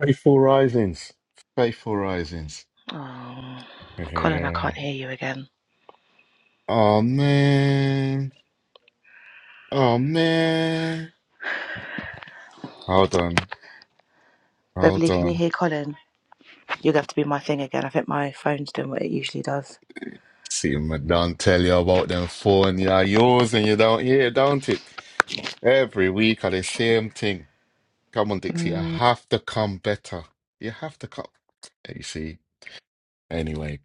Faithful Risings. Faithful Risings. Okay. Oh man. Oh man. Hold on. Hold on. See, my don't tell you about them phone. You are yours and you don't hear, don't it? Every week are the same thing. Come on, Dixie. I have to come better. You have to come. Hey, You see? Anyway.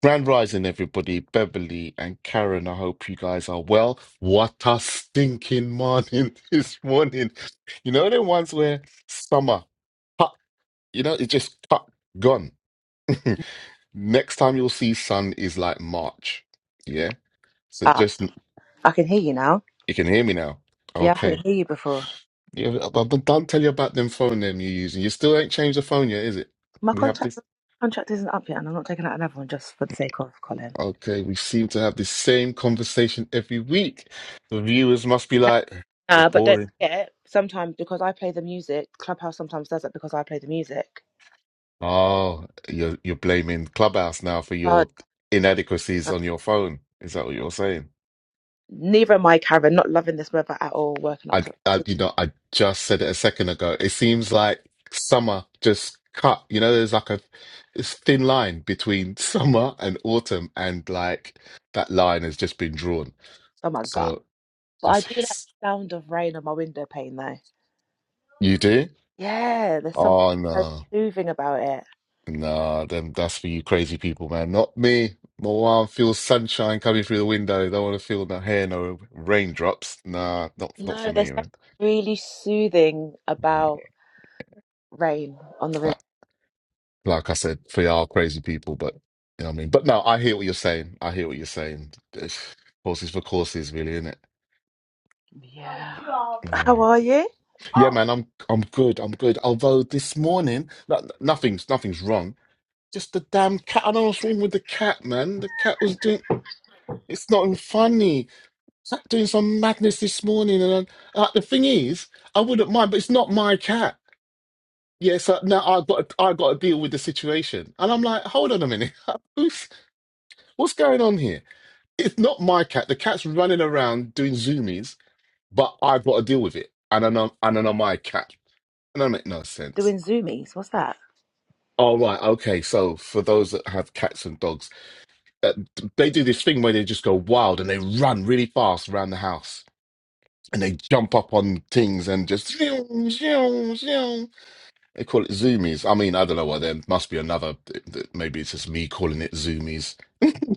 Grand Rising, everybody. Beverly and Karen, I hope you guys are well. What a stinking morning this morning. You know, the ones where summer, cut, you know, it just cut, gone. Next time you'll see sun is like March. Yeah. So just, you can hear me now. Okay. Yeah, but but don't tell you about them phone them you're using. You still ain't changed the phone yet, is it? We have this. Okay, we seem to have the same conversation every week. The viewers must be like, "You're boring." Oh, you're you're blaming Clubhouse now for your inadequacies on your phone. Is that what you're saying? I, I, you know, I just said it a second ago. It seems like summer just cut. You know, there's like a it's thin line between summer and autumn, and like that line has just been drawn. So I see. You do? Oh no. Nah, them that's for you crazy people, man. Not me. My wife feels sunshine coming through the window. Don't want to feel no hair, no raindrops. Nah, not not for me, man. Mm-hmm. Like, like I said, for y'all crazy people, but you know what I mean. But no, I hear what you're saying. I hear what you're saying. It's Horses for courses, really, isn't it? Yeah. Yeah, man. I'm I'm good. I'm good. Although this morning, no, no, nothing's nothing's wrong. Just the damn cat. I don't know what's wrong with the cat, man. The cat was doing. It's not even funny. sat doing some madness this morning, and I, uh, the thing is, I wouldn't mind, but it's not my cat. Yeah, so now I've got to, I've got to deal with the situation, and I'm like, hold on a minute, who's what's going on here? It's not my cat. The cat's running around doing zoomies, but I've got to deal with it, and I know and I know my cat. And that make no sense. All right, okay. So for those that have cats and dogs, uh, they do this thing where they just go wild and they run really fast around the house and they jump up on things and just zoom zoom zoom. they call it zoomies. I mean, I don't know why. there must be another. Maybe it's just me calling it zoomies.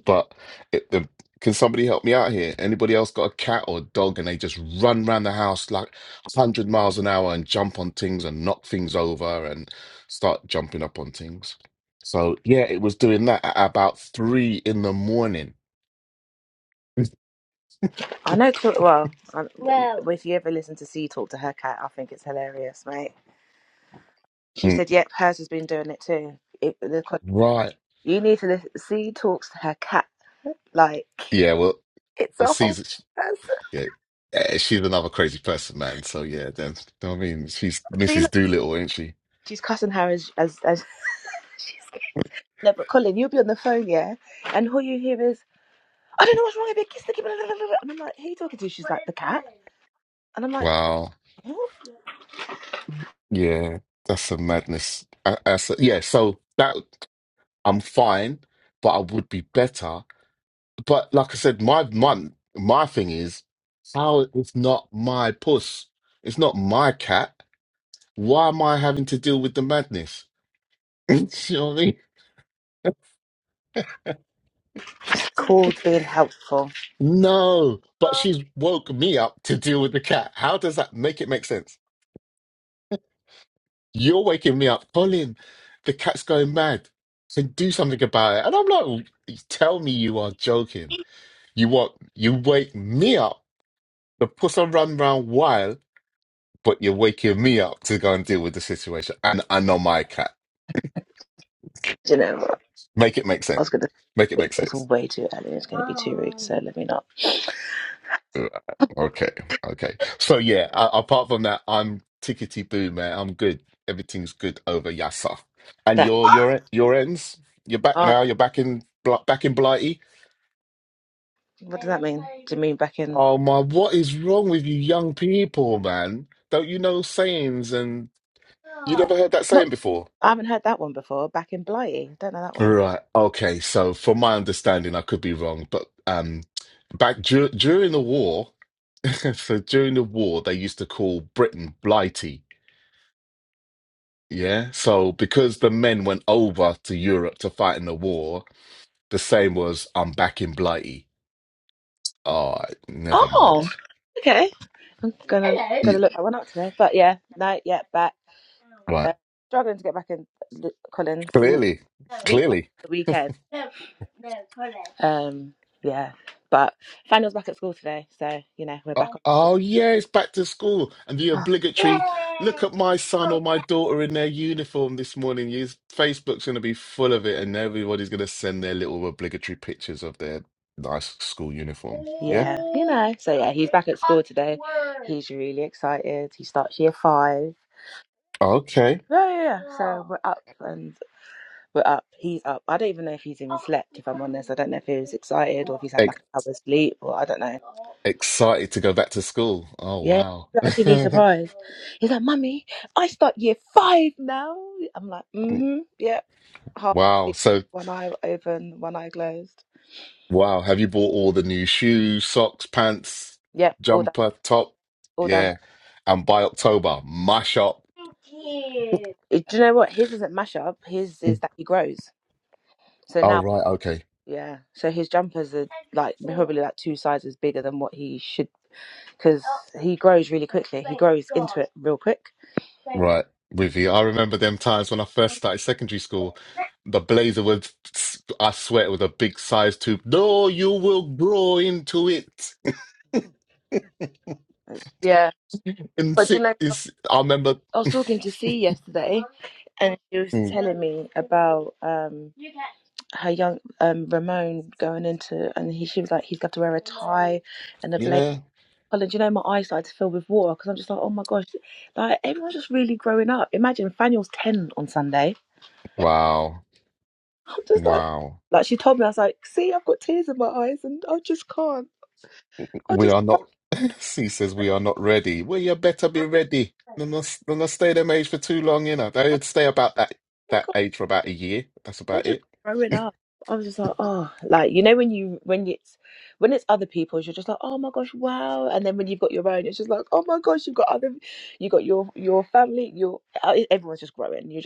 But it, the, can somebody help me out here? Anybody else got a cat or a dog and they just run around the house like a hundred miles an hour and jump on things and knock things over and start jumping up on things? So yeah, it was doing that at about three in the morning. Mm, Right. Yeah. Well, well, Caesar. Yeah. Eh, She's another crazy person, man. So yeah, then you know what I mean, she's Mrs. Doolittle, ain't she? Wow. Yeah, that's some madness. I, I s- yeah, so that I'm fine, but I would be better. But like I said, my my my thing is how it's not my puss, it's not my cat. Why am I having to deal with the madness? you know what I mean? No, but she's woke me up to deal with the cat. How does that make it make sense? You're waking me up, Colin. The cat's going mad. So do something about it. And I'm like, tell me you are joking. You what? You wake me up to put a run round wild, but you're waking me up to go and deal with the situation. And I know my cat. Make it make sense. Make it make sense. Uh, Okay, okay. So yeah, a- apart from that, I'm tickety boo, man. I'm good. Everything's good over Yasser. And your your your ends. You're back now. You're back in Bl- back in Blighty. Oh my, what is wrong with you young people, man? Don't you know sayings and you never heard that saying before? Right. Okay. So, from my understanding, I could be wrong, but um, back dur during the war, so during the war, they used to call Britain Blighty. Yeah. So, because the men went over to Europe to fight in the war, the same was I'm back in Blighty. Oh, never mind. Yeah, right. Clearly, clearly. Uh, Oh yeah, it's back to school and the obligatory look at my son or my daughter in their uniform this morning. His Facebook's going to be full of it, and everybody's going to send their little obligatory pictures of their nice school uniform. Yeah. Okay. Ex excited to go back to school. Oh wow. Wow. So wow, have you bought all the new shoes, socks, pants, jumper, top? Yeah. And by October, mash up. Oh right, okay. Right, with you. I remember them times when I first started secondary school. The blazer was, I swear, it was a big size tube. No, you will grow into it. And six is, I remember. Mm, Yeah. Wow. Wow. We are not. She says we are not ready. Well, you better be ready. Don't not, don't not stay them age for too long, you know. They'd stay about that that age for about a year. That's about it.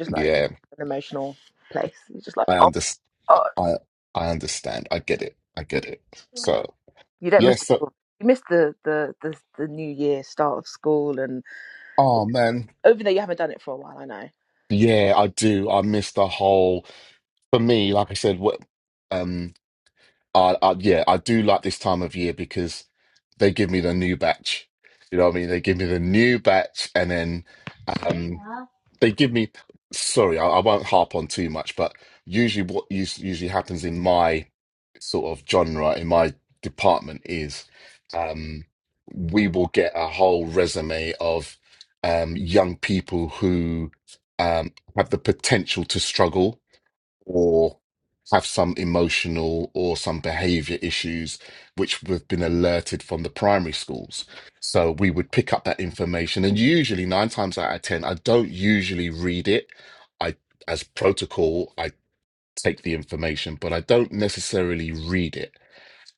Yeah, I understand. I I understand. I get it. I get it. So yes. so, oh man. Yeah, I do. I miss the whole. For me, like I said, what um, I, I yeah, I do like this time of year because they give me the new batch. You know what I mean? They give me the new batch, and then um, they give me sorry I, I won't harp on too much but usually what us- usually happens in my sort of genre in my department is um we will get a whole resume of um young people who um have the potential to struggle or have some emotional or some behavior issues which we've been alerted from the primary schools. So we would pick up that information and usually nine times out of ten, I don't usually read it. I as protocol, I take the information, but I don't necessarily read it.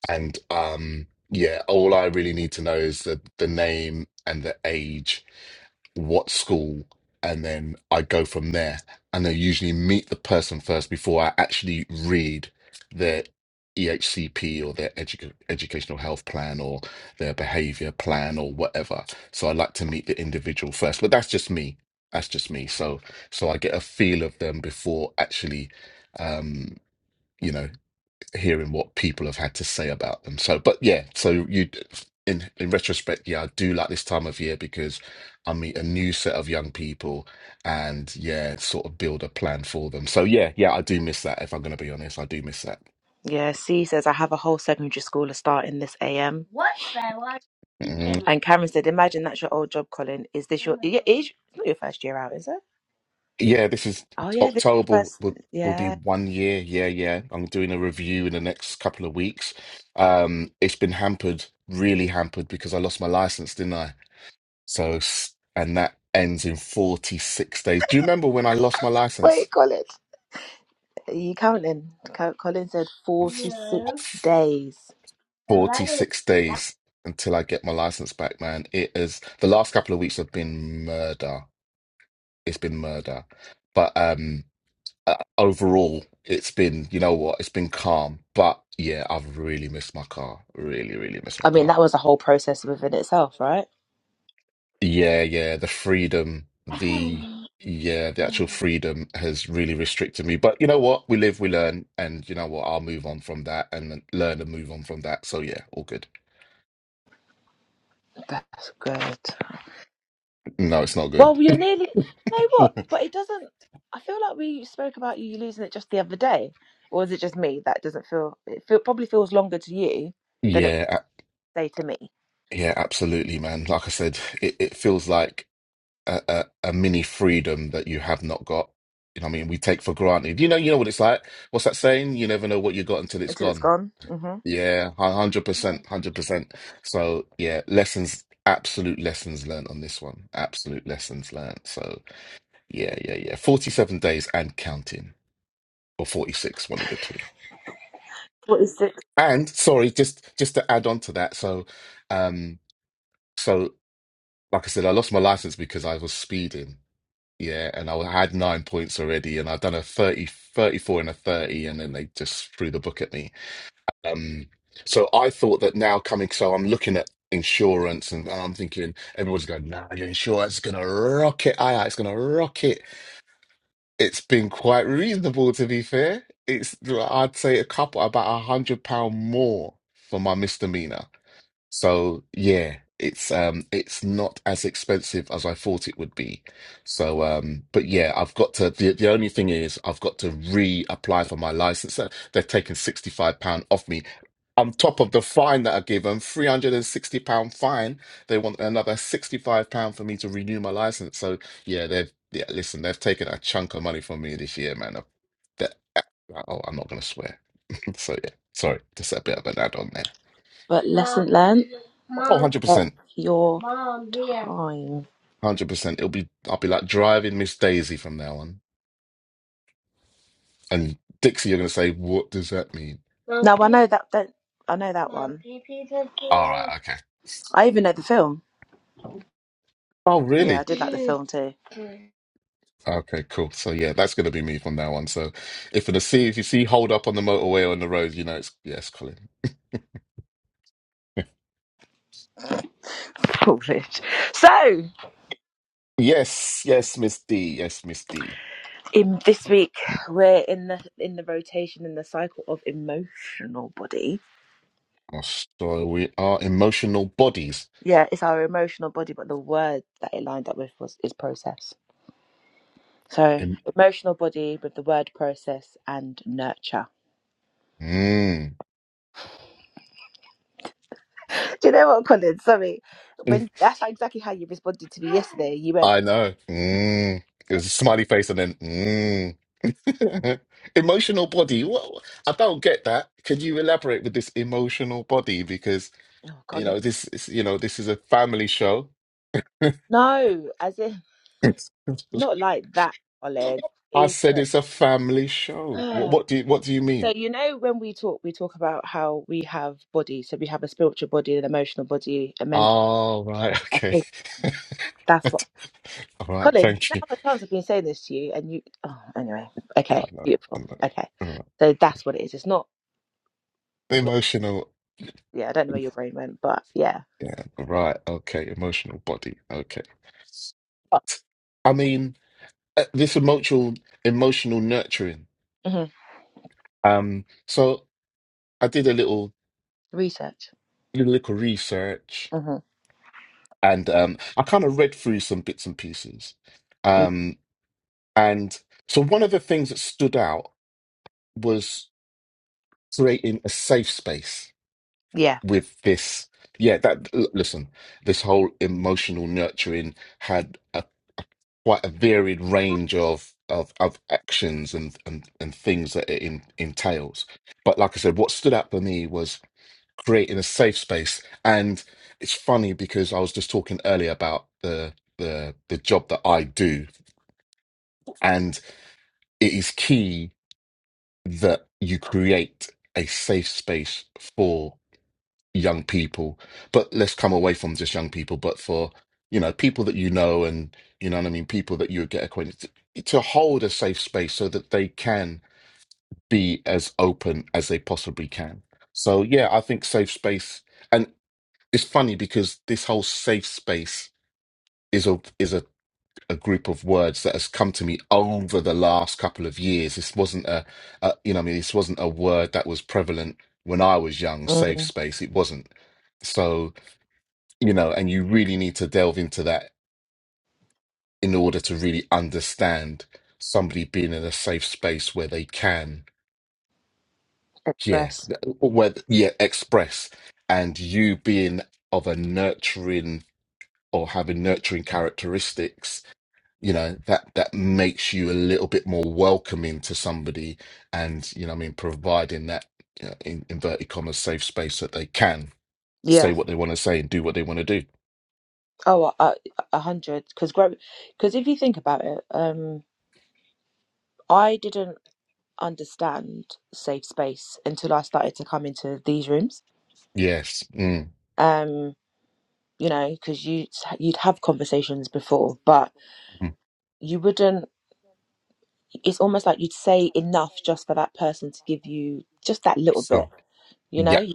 And um yeah, all I really need to know is the the name and the age what school, and then I go from there. And I usually meet the person first before I actually read their EHCP or their edu- educational health plan or their behavior plan or whatever. So I like to meet the individual first, but that's just me. That's just me. So so I get a feel of them before actually, um, you know, hearing what people have had to say about them. So, but yeah, so you, in in retrospect, yeah, I do like this time of year because I meet a new set of young people, and yeah, sort of build a plan for them. So yeah, yeah, I do miss that. If I'm going to be honest, I do miss that. Mhm. Yeah, this is October will will be one year. Yeah, yeah. I'm doing a review in the next couple of weeks. Um, it's been hampered, really hampered, because I lost my license, didn't I? So, s- and that ends in 46 days. Do you remember when I lost my license? I've got 46 days until I get my license back, man. It is the last couple of weeks have been murder. It's been murder. But um uh, overall, it's been, you know what? It's been calm. But yeah, I've really missed my car. Really, really missed my car. Yeah, yeah, the freedom, the yeah, the actual freedom has really restricted me. But you know what? We live, we learn, and you know what? I'll move on from that and then learn and move on from that. So yeah, all good. No, it's not good. Yeah, a- yeah, absolutely, man. Like I said, it, it feels like a, a, a mini freedom that you have not got. You know what I mean? We take for granted. You know, you know what it's like. What's that saying? You never know what you got until it's gone. Yeah, a hundred percent, hundred percent. So yeah, lessons, absolute lessons learned on this one. Absolute lessons learned. So yeah, yeah, yeah. Forty-seven days and counting, or forty-six, one of the two. And sorry, just just to add on to that. So, um, so like I said, I lost my license because I was speeding. Yeah, and I had nine points already, and I'd done a 30, 34, and a 30, and then they just threw the book at me. Um, so I thought that now coming, so I'm looking at insurance and I'm thinking everyone's going, nah, your insurance is gonna rocket, aye, aye, it's gonna rocket. It's been quite reasonable to be fair. It's I'd say a couple about a hundred pound more for my misdemeanor. So yeah, it's um it's not as expensive as I thought it would be. So um but yeah, I've got to the the only thing is I've got to reapply for my license. Uh, They're taking 65 pound off me. On top of the fine that I give them, 360 pound fine, they want another 65 pound for me to renew my license. So yeah, they've yeah, listen, they've taken a chunk of money from me this year, man. That, oh, I'm not gonna swear. So yeah, sorry, just a bit of an add on there. Oh, 100%. Hundred percent. It'll be. I'll be like driving Miss Daisy from now on. And Dixie, you're gonna say, "What does that mean?" All right. Okay. Oh, really? Okay. Cool. So yeah, that's gonna be me from now on. So if you see if you see hold up on the motorway or on the road, you know it's yes, Colin. yes. Yes, Miss D. Yes, Miss D. Oh, so we are emotional bodies. Em- Mm. I know. Mm. It was a smiley face and then. Mm. Emotional body. Well, I don't get that. Can you elaborate with this emotional body? Because you know this is you know this is a family show. I said it's a family show. What, what do you what do you mean? Oh right, okay. All right, thank you. Yeah, I know, I know. All right. okay. Emotional. Yeah, right. Okay. Emotional body. Okay. But I mean. uh, this emotional emotional nurturing. Um, so I did a little little, little research, and um, I kind of read through some bits and pieces. Um, and so one of the things that stood out was creating a safe space with this. Yeah, that l- listen, this whole emotional nurturing had a quite a varied range of of of actions and and and things that it in, entails. But like I said, what stood out for me was creating a safe space. And it's funny because I was just talking earlier about the the the job that I do, and it is key that you create a safe space for young people. But let's come away from just young people, but for you know people that you know and you know what I mean, people that you get acquainted to, to hold a safe space so that they can be as open as they possibly can. So yeah, I think safe space. it's funny because this whole safe space is a is a, a group of words that has come to me over the last couple of years. This wasn't a, a you know, I mean, this wasn't a word that was prevalent when I was young. Safe space, it wasn't. So you know, and you really need to delve into that in order to really understand somebody being in a safe space where they can, yeah, where yeah, express, and you being of a nurturing or having nurturing characteristics you know that that makes you a little bit more welcoming to somebody and you know what i mean providing that you in inverted commas safe space that they can say what they want to say and do what they want to do yes mm, mm. so yep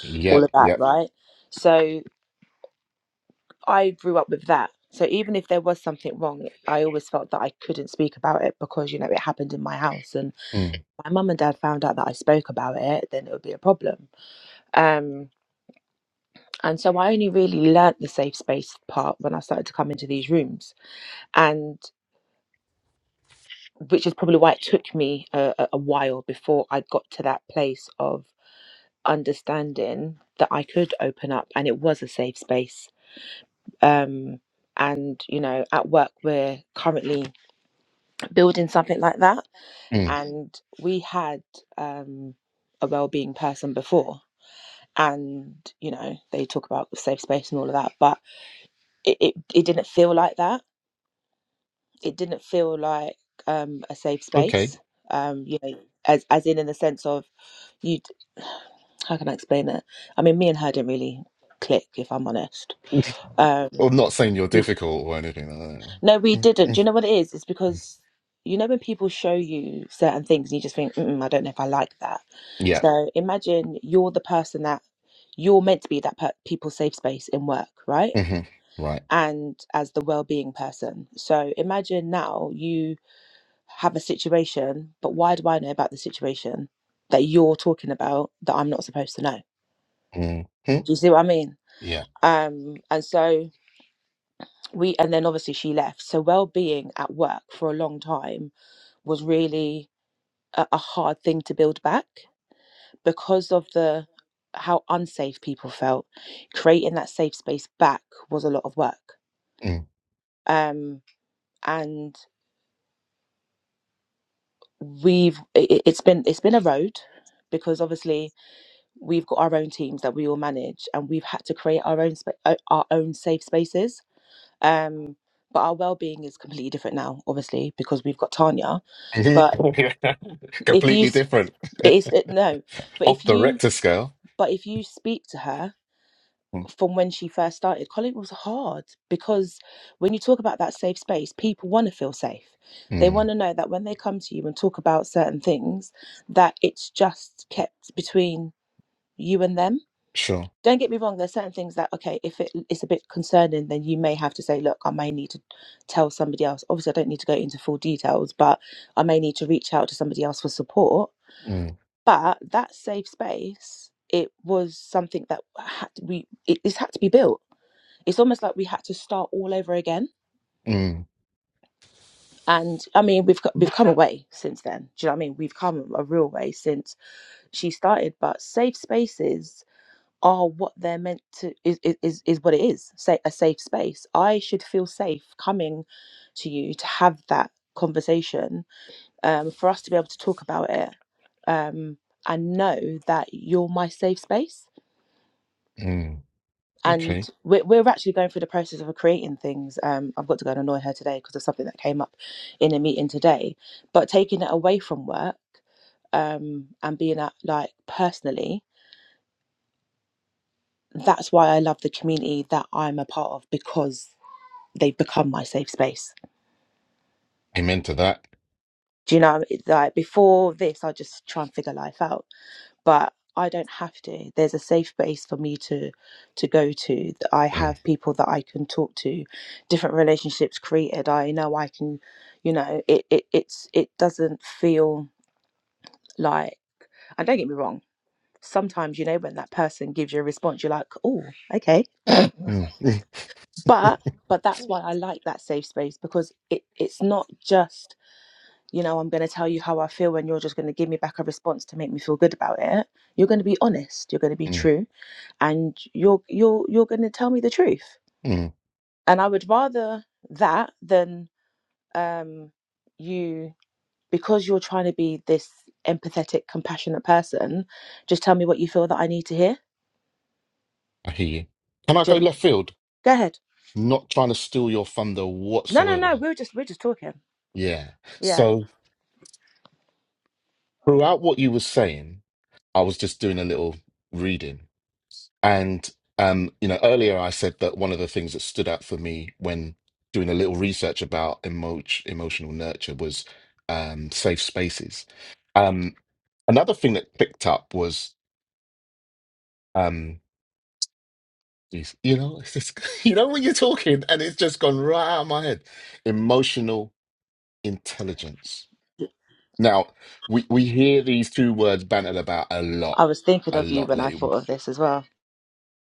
yep yep mm, mm. okay i'm not saying you're difficult or anything like that Mm, mm, mm. yeah hmm right hmm yeah mm. completely different off the Richter scale Mm, mm, sure Mm, mm, mm. Okay. Amen to that. Mm, mm, mm, mm, mm. I hear you. Can I go left field? Not trying to steal your thunder whatsoever. Yeah. So throughout what you were saying, I was just doing a little reading. And um, you know, earlier I said that one of the things that stood out for me when doing a little research about emo emotional nurture was um safe spaces. Um, another thing that picked up was um Yes. You know, it's just, you know when you're talking and it's just gone right out of my head. Emotional intelligence. Now, we, we hear these two words bantered about a lot, a lot lately.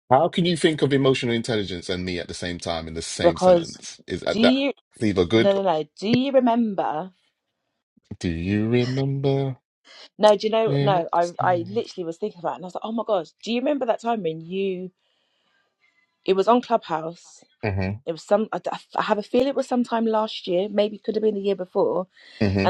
How can you think of emotional intelligence and me at the same time in the same sentence? Is that that either good? Do you remember when it was snowing? Mm-hmm. Mm-hmm.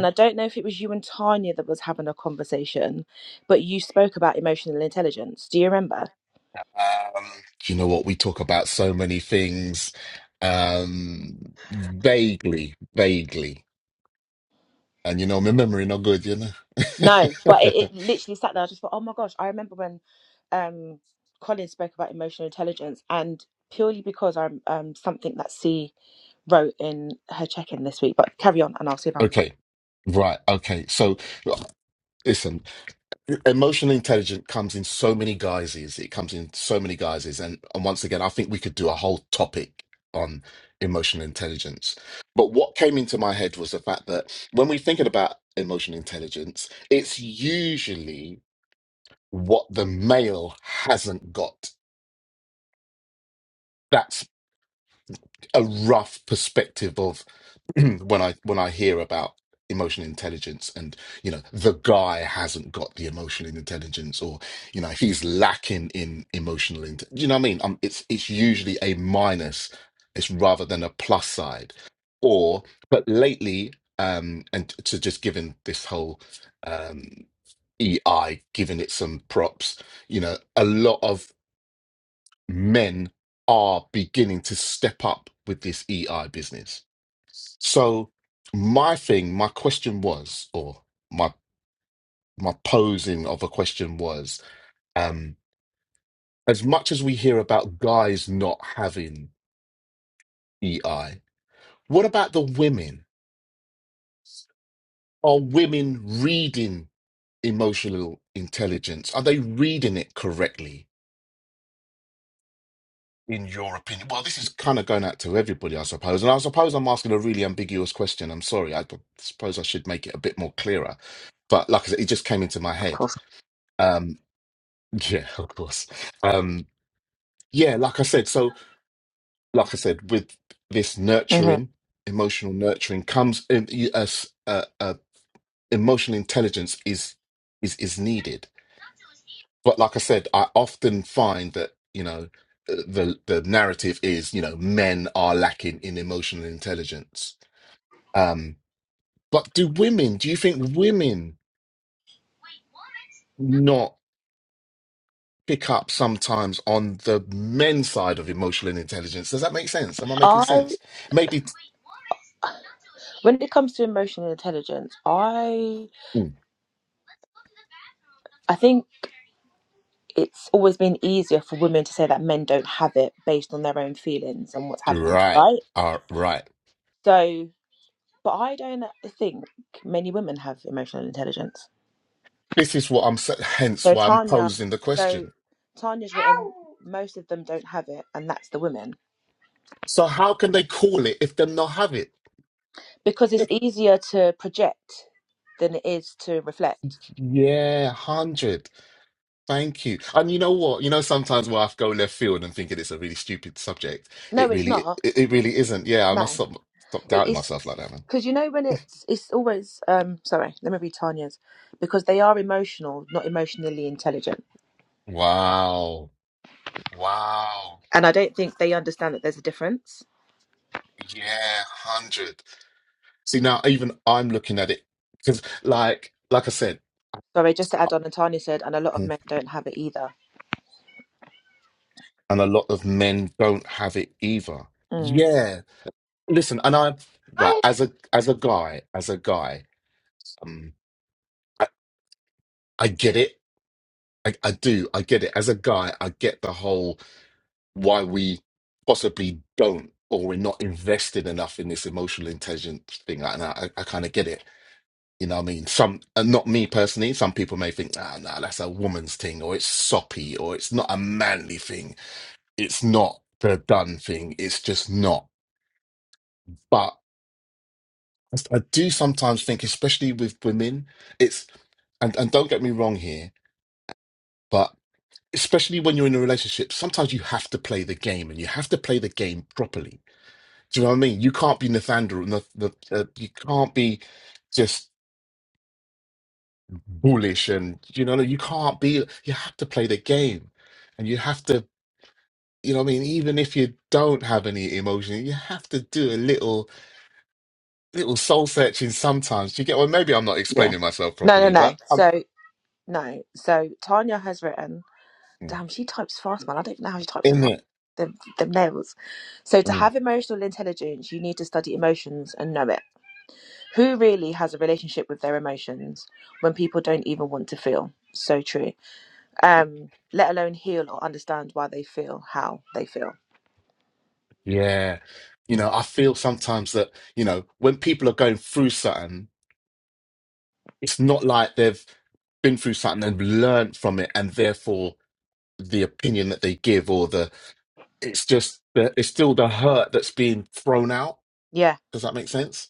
Um, you know what? We talk about so many things um, vaguely, vaguely. And you know, my memory not good, you know. okay. Right. Okay. So listen, emotional intelligence comes in so many guises. It comes in so many guises. And, and once again, I think we could do a whole topic on emotional intelligence. But what came into my head was the fact that when we're thinking about emotional intelligence, it's usually what the male hasn't got. That's a rough perspective of when I when I hear about emotional intelligence and you know the guy hasn't got the emotional intelligence or you know he's lacking in emotional inte- do you know what I mean um it's it's usually a minus it's rather than a plus side or but lately um and to just given this whole um EI giving it some props you know a lot of men are beginning to step up with this EI business so my thing, my question was, or my my posing of a question was, um, as much as we hear about guys not having EI, what about the women? Are women reading emotional intelligence? Are they reading it correctly? In your opinion, well, this is kind of going out to everybody, I suppose, and I suppose I'm asking a really ambiguous question. I'm sorry. I suppose I should make it a bit more clearer, but like I said, it just came into my head. Um, Yeah, of course. Um, yeah, like I said, so like I said, with this nurturing, emotional nurturing comes um, you- emotional intelligence is is is needed. But like I said, I often find that, you know, uh, the the narrative is, you know, men are lacking in emotional intelligence. Um, but do women, do you think women not? pick up sometimes on the men's side of emotional intelligence. Does that make sense? Am I making sense? Maybe. Mm, Right. Uh, right. This is what I'm. sa- Hence why I'm posing the question. So how can they call it if they not have it? Yeah, hundred. Thank you. And you know what? You know sometimes where I go left field and thinking it's a really stupid subject. It really, it, it really isn't. Yeah, I must stop stop doubting myself like that, man. Wow. Wow. Yeah, 100. See, now even I'm looking at it because like like I said, hmm, and a lot of men don't have it either. Yeah. Listen, and I right, as a as a guy, as a guy, um I, I get it. I, I do. I get it. As a guy, I get the whole why we possibly don't or we're not invested enough in this emotional intelligence thing. And I, I kind of get it. You know what I mean? Some, and not me personally, some people may think, ah, no, that's a woman's thing, or it's soppy, or it's not a manly thing. It's not the done thing. It's just not. But I do sometimes think, especially with women, it's, and, and don't get me wrong here, but especially when you're in a relationship, sometimes you have to play the game and you have to play the game properly Do you know what I mean? You can't be Nathaniel. Nath Nath- uh, you can't be just bullish, and you know you can't be. You have to play the game, and you have to. You know what I mean? Even if you don't have any emotion, you have to do a little little soul searching sometimes. Do you get? Well, maybe I'm not explaining myself properly, but I'm mm, in it. Mm, Yeah. You know, I feel sometimes that, you know, when people are going through something, it's not like they've been through something and learned from it and therefore the opinion that they give or the it's just the, it's still the hurt that's being thrown out does that make sense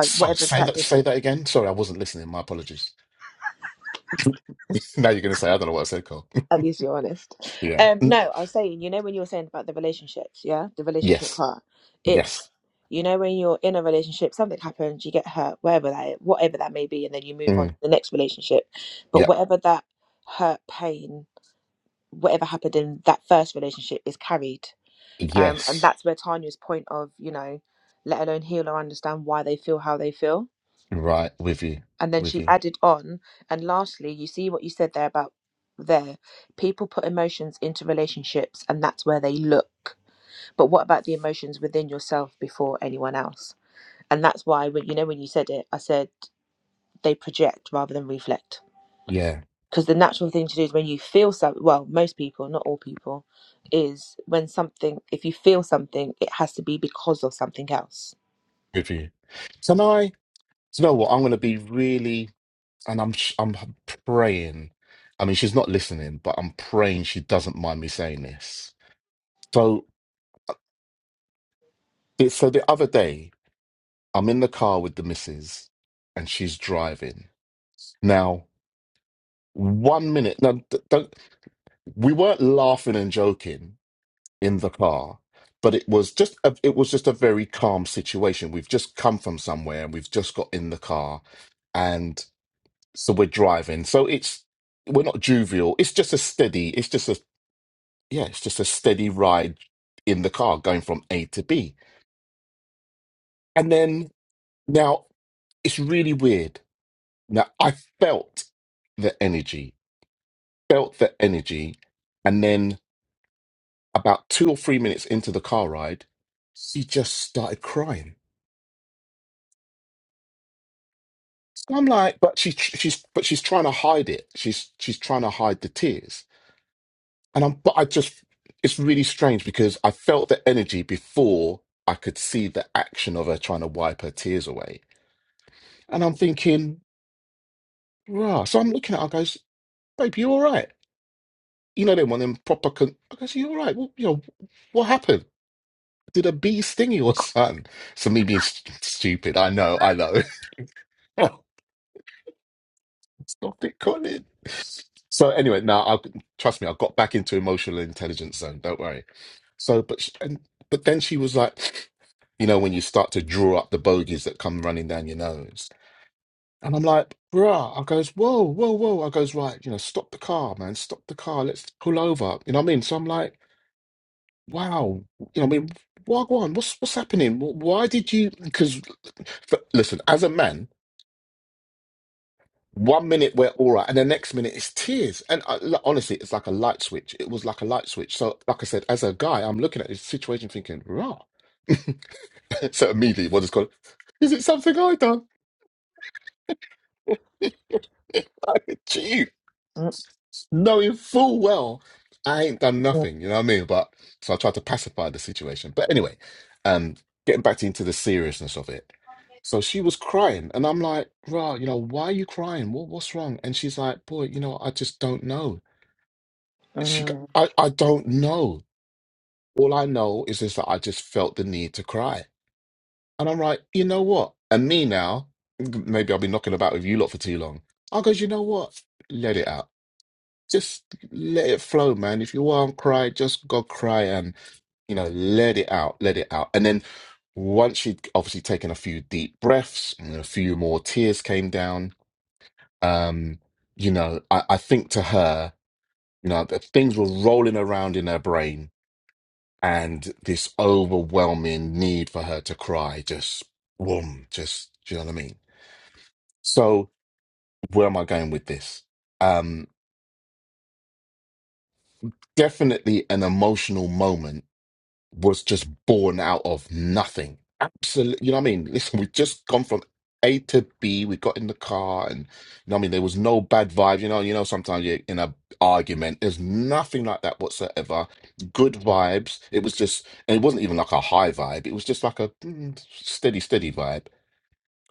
so, say that say that again sorry i wasn't listening my apologies now you're going to say i don't know what i said Carl. yeah Mm, yes yes mm. yep yes right with you with you yeah with you so now i so you know what i'm going to be really and i'm sh- i'm praying i mean she's not listening but i'm praying she doesn't mind me saying this So. The- So the other day, I'm in the car with the missus, and she's driving. Now, one minute. Now, d don't, we weren't laughing and joking in the car, but it was just a, it was just a very calm situation. We've just come from somewhere, and we've just got in the car, and so we're driving. So it's we're not jovial. It's just a steady. It's just a yeah. It's just a steady ride in the car going from A to B, and then now it's really weird Now I felt the energy, felt the energy, and then about two or three minutes into the car ride, she just started crying. So I'm like, but she she's but she's trying to hide it. She's she's trying to hide the tears. And I'm but I just it's really strange because I felt the energy before I could see the action of her trying to wipe her tears away. And I'm thinking, rah. So I'm looking at her, I goes, babe, you all right? You know, them one of them proper, con- I goes, you all right? Well, you know, what happened? Did a bee sting your son? So me being st- stupid. I know, I know. Stop it, Colin. So anyway, now I trust me. I got back into emotional intelligence zone. Don't worry. So, but sh and but then she was like, you know, when you start to draw up the bogies that come running down your nose, and I'm like, bruh. I goes, whoa, whoa, whoa. I goes, right, you know, stop the car, man, stop the car. Let's pull over. You know what I mean? So I'm like, wow, you know, what I mean, wagwan, what's what's happening? Wh- Why did you? Because f- listen, as a man, one minute we're all right, and the next minute it's tears. And I, l- honestly, it's like a light switch. It was like a light switch. So, like I said, as a guy, I'm looking at this situation thinking, rah. so immediately, what is called? Is it something I done? Like, Jeez. knowing full well I ain't done nothing, you know what I mean? But so I tried to pacify the situation. But anyway, um, getting back into the seriousness of it. So she was crying, and I'm like, "Rah, you know, why are you crying? What, what's wrong?" And she's like, "Boy, you know, I just don't know. She, I, I I, I don't know. All I know is just that I just felt the need to cry." And I'm like, "You know what?" And me now, maybe I'll be knocking about with you lot for too long. I goes, "You know what? Let it out." Just let it flow, man. If you want to cry, just go cry and, you know, let it out, let it out. And then once you'd obviously taken a few deep breaths and a few more tears came down, um, you know, I, I think to her, you know, that things were rolling around in her brain and this overwhelming need for her to cry just, boom, just, do you know what I mean? So where am I going with this? Um, definitely an emotional moment was just born out of nothing. Absolutely, you know what I mean? Listen, we just gone from A to B. We got in the car, and you know what I mean. There was no bad vibe. You know, you know. Sometimes you're in a argument. There's nothing like that whatsoever. Good vibes. It was just, and it wasn't even like a high vibe. It was just like a mm, steady, steady vibe.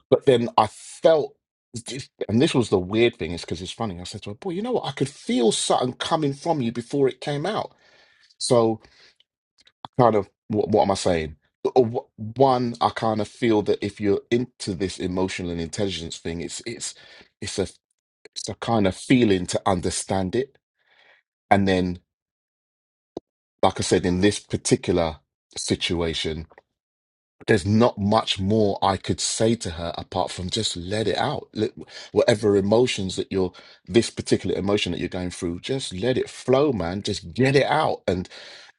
But then I felt. And this was the weird thing, is because it's funny. I said to her, "Boy, you know what? I could feel something coming from you before it came out." So kind of what, what am I saying? Uh, wh- One, I kind of feel that if you're into this emotional and intelligence thing, it's it's it's a it's a kind of feeling to understand it, and then like I said, in this particular situation, there's not much more I could say to her apart from just let it out. Let, whatever emotions that you're, this particular emotion that you're going through, just let it flow, man. Just get it out. And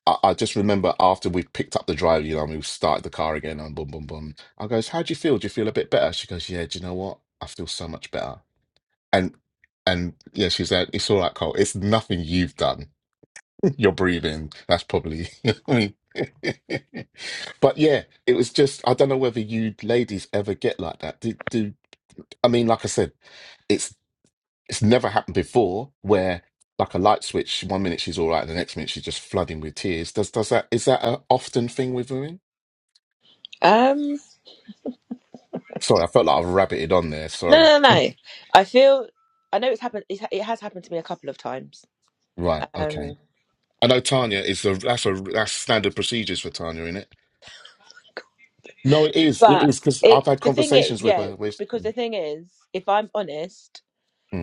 I, I just remember after we picked up the drive, you know, and we started the car again and boom, boom, boom. I goes, how do you feel? Do you feel a bit better? She goes, yeah, do you know what? I feel so much better. And, and yeah, she said, it's all right, Cole. It's nothing you've done you're breathing. That's probably. I mean, but yeah, it was just. I don't know whether you ladies ever get like that. Do, do I mean, like I said, it's it's never happened before where like a light switch. One minute she's all right, the next minute she's just flooding with tears. Does does that is that a often thing with women? Sorry, I felt like I've rabbited on there. Sorry. Right. Okay. I know Tanya is the that's a that's standard procedures for Tanya, isn't it? No, it is. It is because I've had conversations with her. With hmm.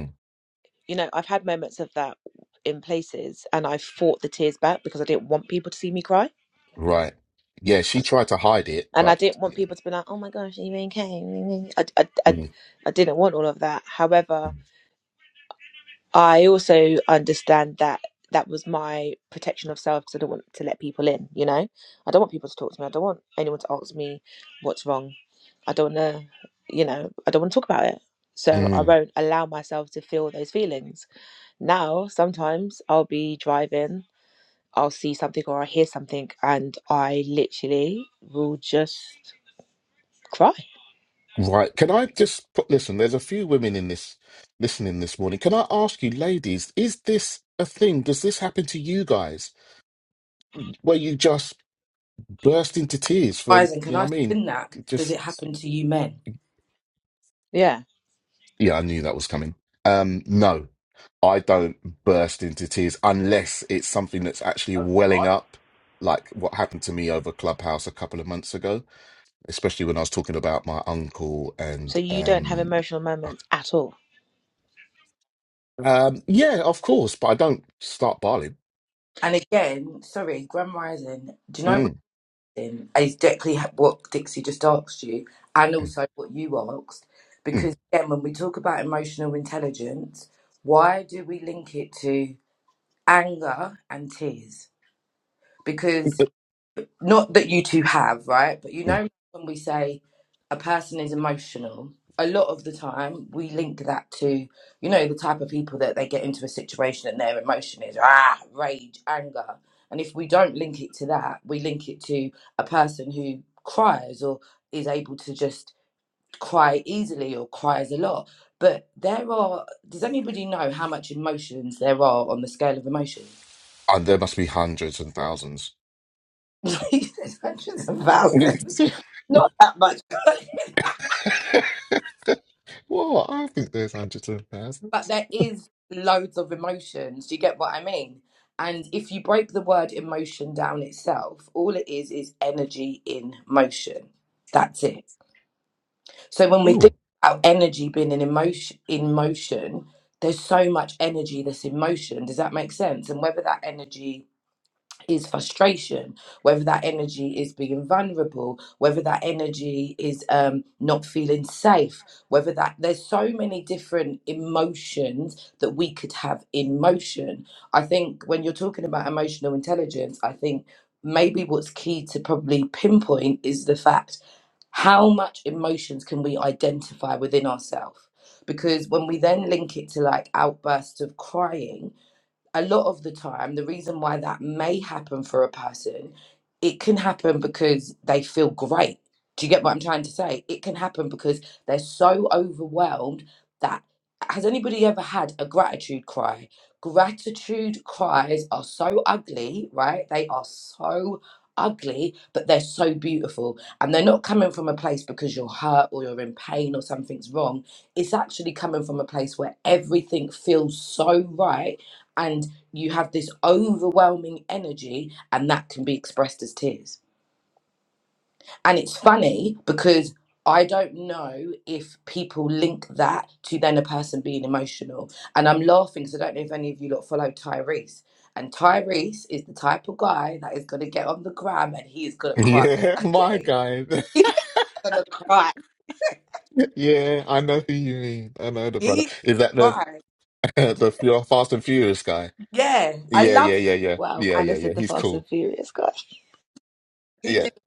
Right. Yeah, she tried to hide it, but Mm, mm, mm. right. Can I just put, listen, there's a few women in this listening this morning. Can I ask you, ladies, is this a thing? Does this happen to you guys where you just burst into tears for, Rising, can you know I what I mean? spin that? Does it Just, happen to you men? yeah, I knew that was coming. Um, no, I don't burst into tears unless it's something that's actually welling up, like what happened to me over Clubhouse a couple of months ago especially when I was talking about my uncle and um, um yeah, of course, but I don't start barley. And again, sorry, Grand Rising, do you know what's Mm, in is exactly ha- what Dixie just asked you and mm, also what you asked? mm, Because again, when we talk about emotional intelligence, why do we link it to anger and tears? Because mm, not that you two have, right? But you mm. know, when we say a person is emotional, a lot of the time we link that to, you know, the type of people that they get into a situation and their emotion is ah, rage, anger. And if we don't link it to that, we link it to a person who cries or is able to just cry easily or cries a lot. But there are, does anybody know how much emotions there are on the scale of emotions? And there must be hundreds and thousands. There's hundreds of thousands. Not that much. What? I think there's hundreds and but thousands. there is loads of emotions. Do you get what I mean? And if you break the word emotion down itself, all it is is energy in motion. That's it. So when we think Ooh. about energy being in emotion, in motion, there's so much energy that's in motion. Does that make sense? And whether that energy is frustration, whether that energy is being vulnerable, whether that energy is um, not feeling safe, whether that there's so many different emotions that we could have in motion. I think when you're talking about emotional intelligence, I think maybe what's key to probably pinpoint is the fact how much emotions can we identify within ourselves? Because when we then link it to like outbursts of crying, a lot of the time, the reason why that may happen for a person, it can happen because they feel great. Do you get what I'm trying to say? It can happen because they're so overwhelmed that has anybody ever had a gratitude cry? Gratitude cries are so ugly, right? They are so ugly, but they're so beautiful. And they're not coming from a place because you're hurt or you're in pain or something's wrong. It's actually coming from a place where everything feels so right and you have this overwhelming energy and that can be expressed as tears and it's funny because i don't know if people link that to then a person being emotional and i'm laughing because i don't know if any of you lot follow tyrese and tyrese is the type of guy that is going to get on the gram and he is going to cry Yeah, my okay guy. he's going to cry Yeah, I know who you mean. I know the he's brother. going to Is that the cry the Fu- Fast and Furious guy? yeah i Yeah, love yeah, him yeah, yeah, yeah, and yeah, yeah. He's cool. he Yeah, did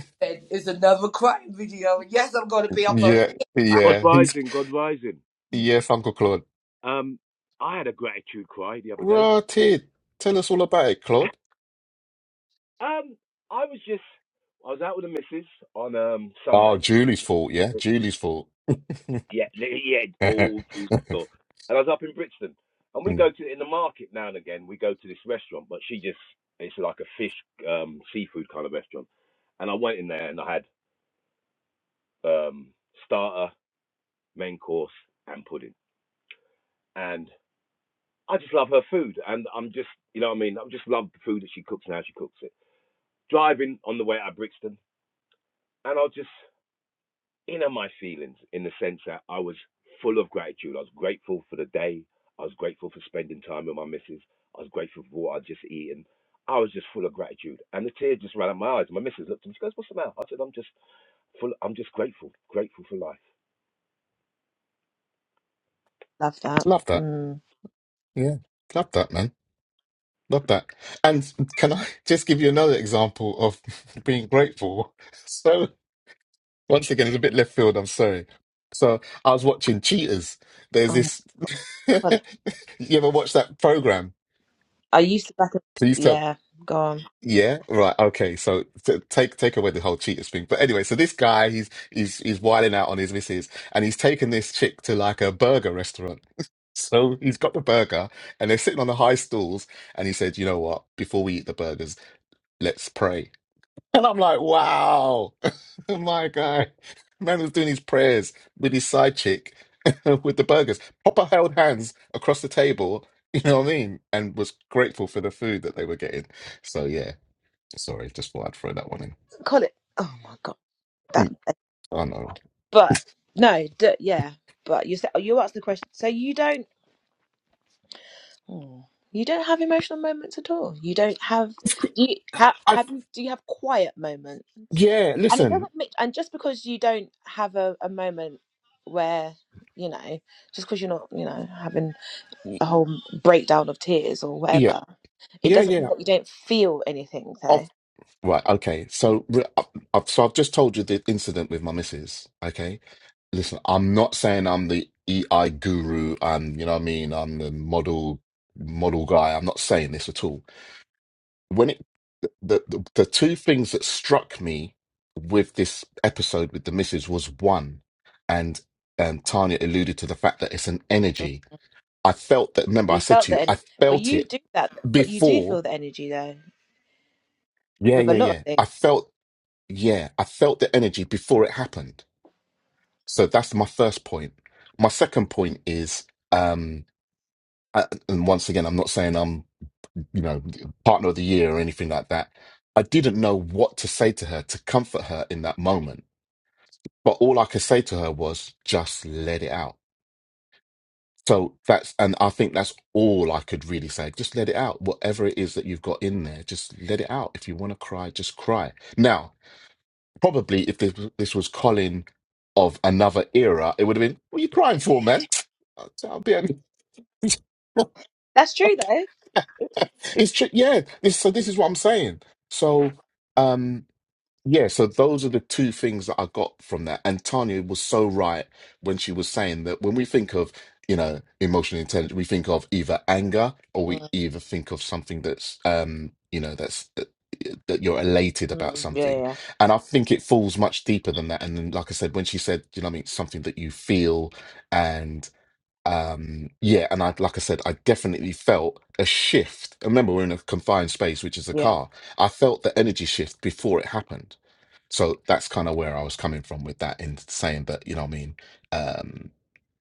he said it's another crying video yes i'm going to be up on yeah, it God yeah. He's rising, God rising. yeah, Uncle Claude. Um, I had a gratitude cry the other day. Right here. Tell us all about it, Claude. um, I was just, I was out with the missus on um Oh, Sunday. Julie's fault, yeah? Julie's fault. Yeah, li- yeah, all through the store. And I was up in Brixton, and we Mm. go to in the market now and again. We go to this restaurant, but she just it's like a fish, um, seafood kind of restaurant. And I went in there and I had um starter, main course, and pudding. And I just love her food, and I'm just, you know, what I mean, I just love the food that she cooks and how she cooks it. Driving on the way out of Brixton, and I was just in my feelings in the sense that I was full of gratitude. I was grateful for the day. I was grateful for spending time with my missus. I was grateful for what I'd just eaten. I was just full of gratitude, and the tears just ran out of my eyes. My missus looked at me. She goes, "What's the matter?" I said, "I'm just full. I'm just grateful, grateful for life." Love that. Yeah. Love that, man. Love that. And can I just give you another example of being grateful? So, once again, it's a bit left field. I'm sorry. So, I was watching Cheaters. There's this. you ever watch that program? Please tell. Yeah, right. Okay, so t take take away the whole cheaters thing. But anyway, so this guy, he's he's he's wilding out on his missus, and he's taken this chick to like a burger restaurant. So he's got the burger, and they're sitting on the high stools, and he said, "You know what? Before we eat the burgers, let's pray." And I'm like, "Wow, my guy, man was doing his prayers with his side chick, with the burgers. Proper held hands across the table. You know what I mean? And was grateful for the food that they were getting. So yeah." Sorry, just thought I'd throw that one in. Mm, I know. Of cou- I've, yeah, listen. Y- Yeah, yeah, yeah. I've, right, okay. So, re- I- I've, so I've just told you the incident with my missus. Okay, listen. I'm not saying I'm the EI guru. I'm, you know what I mean. I'm the model model guy. I'm not saying this at all. When it the the, the two things that struck me with this episode with the missus was one, and um, Tanya alluded to the fact that it's an energy I felt that. Remember, I said to you, I felt it before. Yeah, yeah, yeah. I felt, yeah, I felt the energy before it happened. So that's my first point. My second point is, um, I- and once again, I'm not saying I'm, you know, partner of the year or anything like that. I didn't know what to say to her to comfort her in that moment. But all I could say to her was, just let it out So that's, and I think that's all I could really say. Just let it out. Whatever it is that you've got in there, just let it out. If you want to cry, just cry. Now, probably if this, this was Colin of another era, it would have been, what are you crying for, man? I'll I'll be a- it's true. Yeah. This, so this is what I'm saying. So, um, yeah, so those are the two things that I got from that. And Tanya was so right when she was saying that when we think of, you know, emotional intelligence, we think of either anger or we either think of something that's, um, you know, that's that you're elated about something. And I think it falls much deeper than that. And then, like I said, when she said, you know, what I mean, something that you feel and um yeah and i like i said i definitely felt a shift I remember we're in a confined space which is a car i felt the energy shift before it happened so that's kind of where I was coming from with that in saying that, you know what I mean? Um,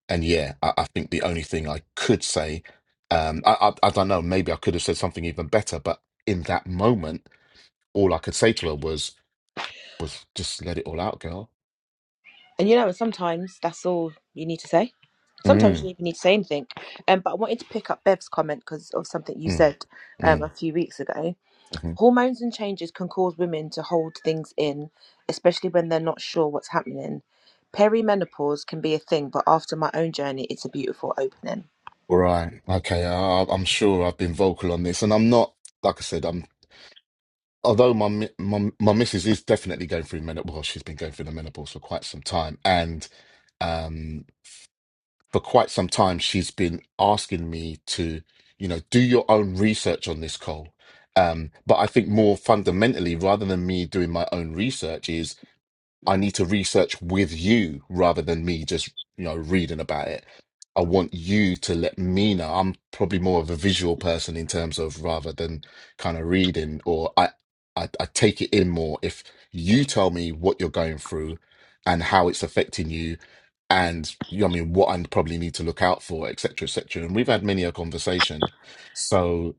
and yeah, I, I think the only thing I could say, um, I, I, I don't know, maybe I could have said something even better, but in that moment, all I could say to her was, was just let it all out, girl. Mm, mm, mm, hmm Right. Okay. I, I'm sure I've been vocal on this and I'm not, like I said, I'm, although my, mi- my, my missus is definitely going through menopause, well, she's been going through the menopause for quite some time and, um, for quite some time she's been asking me to you know do your own research on this Cole um but I think more fundamentally rather than me doing my own research I need to research with you rather than me just, you know, reading about it. I want you to let me know. I'm probably more of a visual person in terms of rather than kind of reading, or I, I, I take it in more if you tell me what you're going through and how it's affecting you, and you know, what I mean, what I probably need to look out for, etc., cetera, etc. And we've had many a conversation, so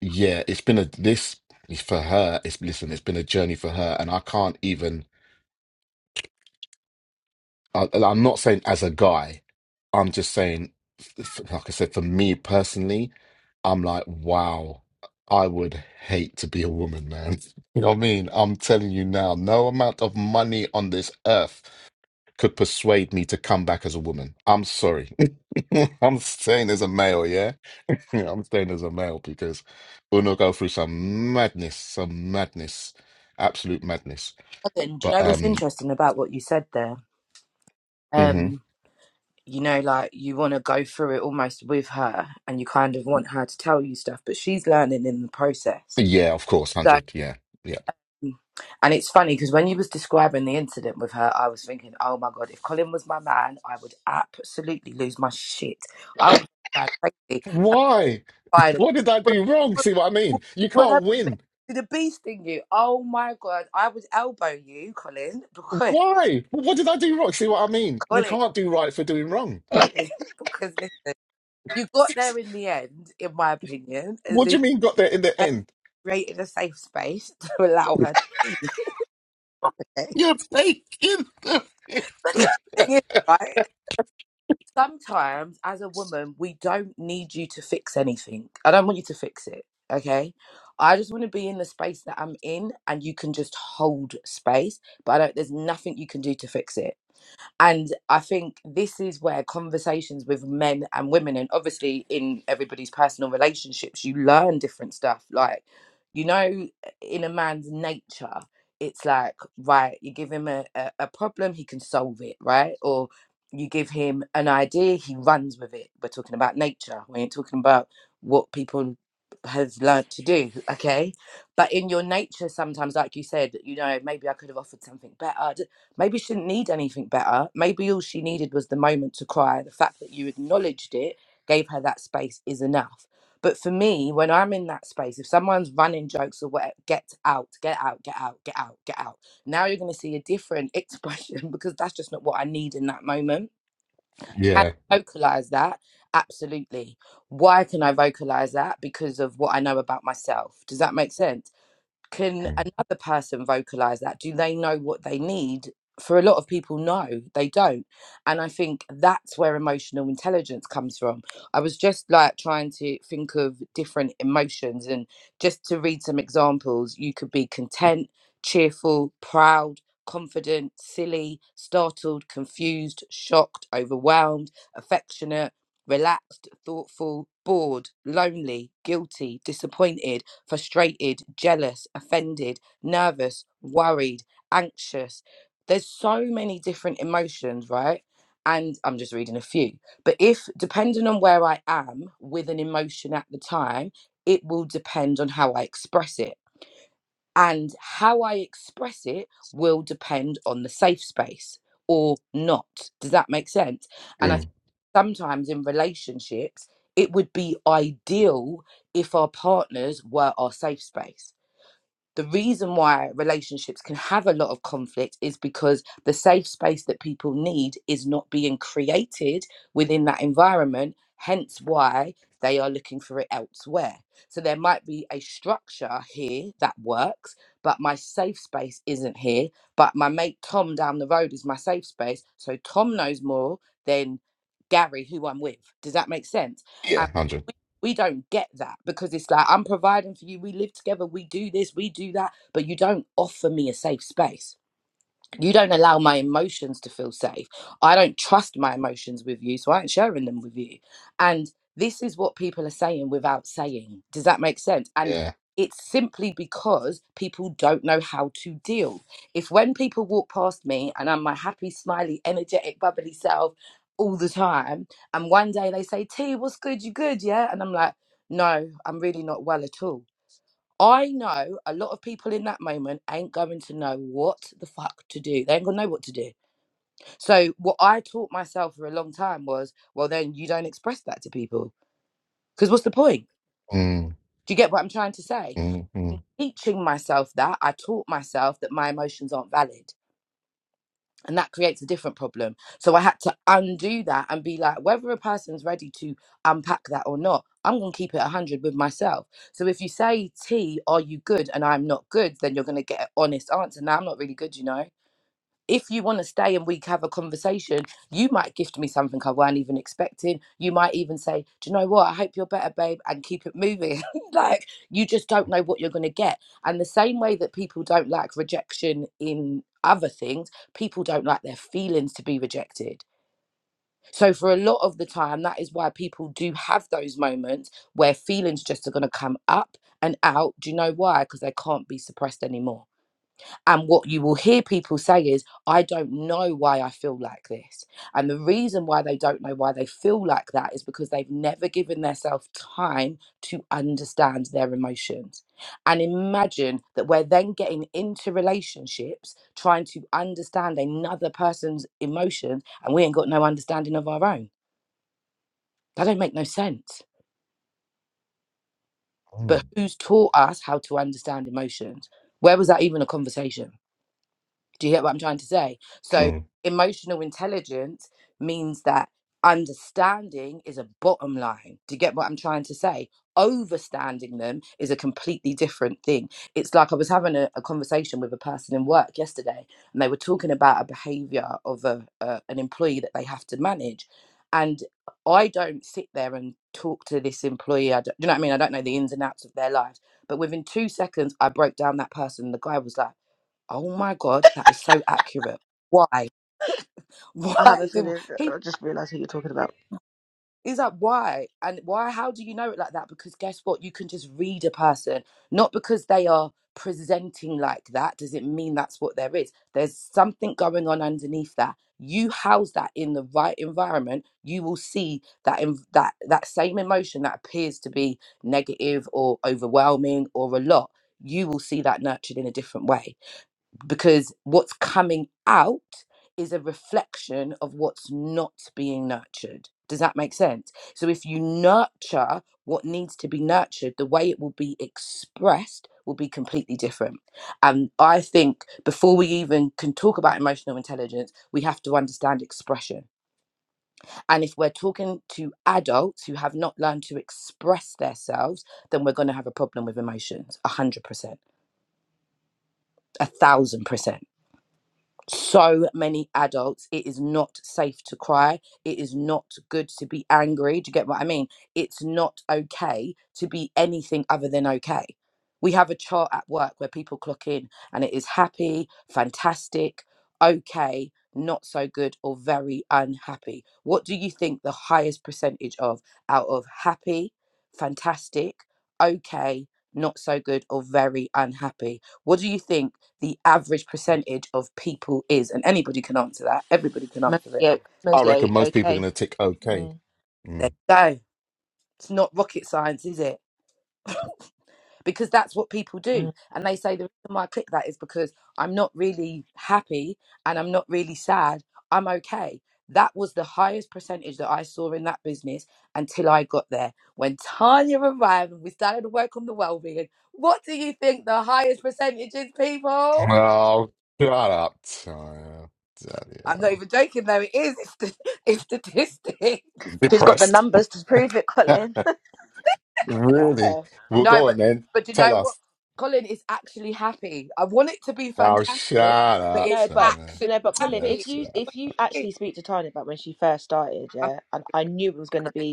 yeah, it's been a this for her. It's listen, it's been a journey for her, and I can't even. I, I'm not saying as a guy. I'm just saying, f- f- like I said, for me personally, I'm like, wow, I would hate to be a woman, man. You know what I mean? I'm telling you now, no amount of money on this earth could persuade me to come back as a woman. I'm sorry. I'm staying as a male, yeah? I'm staying as a male because Uno go through some madness, some madness, absolute madness. Robin, do you But know what's um, interesting about what you said there? mhm. Um, you know, like you want to go through it almost with her and you kind of want her to tell you stuff, but she's learning in the process. yeah, of course, one So, hundred, yeah, yeah. and it's funny because when you was describing the incident with her, I was thinking, oh my God, if Colin was my man, I would absolutely lose my shit. I would go crazy. Why? Fired and What did I What, do wrong? what, See what I mean? what You what can't happened, babe? win. Did a bee sting you? Oh my God, I would elbow you, Colin, because, Why? What did I do wrong? See what I mean? You Colin, can't do right for doing wrong. Colin, because listen. You got there in the end, in my opinion, as What if do you you mean got there in the had end? created a safe space to allow her to be the day. You're taking the The thing is, right? Sometimes, as a woman, we don't need you to fix anything. I don't want you to fix it, okay? I just want to be in the space that I'm in, and you can just hold space. But I don't. There's nothing you can do to fix it. And I think this is where conversations with men and women, and obviously in everybody's personal relationships, you learn different stuff. Like, you know, in a man's nature, it's like, right, you give him a, a, a problem, he can solve it, right? Or you give him an idea, he runs with it. We're talking about nature. We ain't talking about what people have learnt to do, okay? But in your nature, sometimes, like you said, you know, maybe I could have offered something better. Maybe she didn't need anything better. Maybe all she needed was the moment to cry. The fact that you acknowledged it, gave her that space is enough. But for me, when I'm in that space, if someone's running jokes or whatever, get out, get out, get out, get out, get out. Now you're going to see a different expression because that's just not what I need in that moment. Can Yeah. I vocalize that? Absolutely. Why can I vocalize that? Because of what I know about myself. Does that make sense? can Mm, another person vocalize that do they know what they need for a lot of people no they don't and i think that's where emotional intelligence comes from i was just like trying to think of different emotions and just to read some examples you could be content cheerful proud confident silly startled confused shocked overwhelmed affectionate relaxed thoughtful bored lonely guilty disappointed frustrated, jealous, offended, nervous, worried, anxious. There's so many different emotions, right? And I'm just reading a few. But if, depending on where I am with an emotion at the time, it will depend on how I express it and how I express it will depend on the safe space or not. Does that make sense? And I mm. think sometimes in relationships, it would be ideal if our partners were our safe space the reason why relationships can have a lot of conflict is because the safe space that people need is not being created within that environment, hence why they are looking for it elsewhere. So there might be a structure here that works, but my safe space isn't here. But my mate Tom down the road is my safe space. So Tom knows more than Gary, who I'm with. Does that make sense? Yeah, 100. we don't get that because it's like i'm providing for you we live together we do this we do that but you don't offer me a safe space you don't allow my emotions to feel safe. I don't trust my emotions with you, so I ain't sharing them with you. And this is what people are saying without saying. Does that make sense? And Yeah. it's simply because people don't know how to deal. If when people walk past me and I'm my happy, smiley, energetic, bubbly self all the time, and one day they say, T, what's good? You good? Yeah? And I'm like, no, I'm really not well at all I know a lot of people in that moment ain't going to know what the fuck to do. They ain't gonna know what to do. So what I taught myself for a long time was, well, then you don't express that to people because what's the point? Mm, Do you get what I'm trying to say? mm, mm. Teaching myself that I taught myself that my emotions aren't valid. and that creates a different problem. So I had to undo that and be like, whether a person's ready to unpack that or not, I'm going to keep it 100 with myself. So if you say, T, are you good? And I'm not good, then you're going to get an honest answer. Now, I'm not really good, you know? if you want to stay and we have a conversation, you might gift me something I weren't even expecting. You might even say, Do you know what? I hope you're better, babe, and keep it moving. like, you just don't know what you're going to get. And the same way that people don't like rejection in other things, people don't like their feelings to be rejected. So, for a lot of the time, that is why people do have those moments where feelings just are going to come up and out. Do you know why? Because they can't be suppressed anymore and what you will hear people say is, I don't know why I feel like this. And the reason why they don't know why they feel like that is because they've never given themselves time to understand their emotions. And imagine that we're then getting into relationships trying to understand another person's emotions and we ain't got no understanding of our own. That don't make no sense. But Mm. who's taught us how to understand emotions? Where was that even a conversation? Do you get what I'm trying to say? So, Mm. emotional intelligence means that understanding is a bottom line. Do you get what I'm trying to say? Overstanding them is a completely different thing. It's like I was having a, a conversation with a person in work yesterday, and they were talking about a behavior of a, a an employee that they have to manage. And I don't sit there and talk to this employee. I don't, you know what I mean? I don't know the ins and outs of their lives. But within two seconds, I broke down that person. The guy was like, Oh my God, that is so accurate. Why? Why? did- He is like, why? And why? How do you know it like that? Because guess what? You can just read a person. Not because they are presenting like that, does it mean that's what there is? There's something going on underneath that. You house that in the right environment, you will see that in, that that same emotion that appears to be negative or overwhelming or a lot. You will see that nurtured in a different way because what's coming out is a reflection of what's not being nurtured. Does that make sense? So if you nurture what needs to be nurtured, the way it will be expressed will be completely different. And I think before we even can talk about emotional intelligence, we have to understand expression. And if we're talking to adults who have not learned to express themselves, then we're going to have a problem with emotions, 100%, 1000%. so many adults. It is not safe to cry. It is not good to be angry. Do you get what I mean? It's not okay to be anything other than okay. We have a chart at work where people clock in and it is happy, fantastic, okay, not so good, or very unhappy. What do you think the highest percentage of out of happy, fantastic, okay, not so good, or very unhappy? What do you think? the average percentage of people is, and anybody can answer that. Everybody can answer it. I reckon most people are going to tick okay. There Mm. you go. It's not rocket science, is it? because that's what people do. And they say the reason why I click that is because I'm not really happy and I'm not really sad. I'm okay. That was the highest percentage that I saw in that business until I got there. When Tanya arrived and we started to work on the well-being, what do you think the highest percentage is, people? Oh, shut up, Tanya. Bloody I'm not hell. even joking though, it is. It's, st- it's statistics. Depressed. really? Well, No, go but on then. but do you Tell know what? us. Colin is actually happy. I want it to be Oh, fantastic, shut but up, it's Tanya. actually happy. That's, I'm Colin.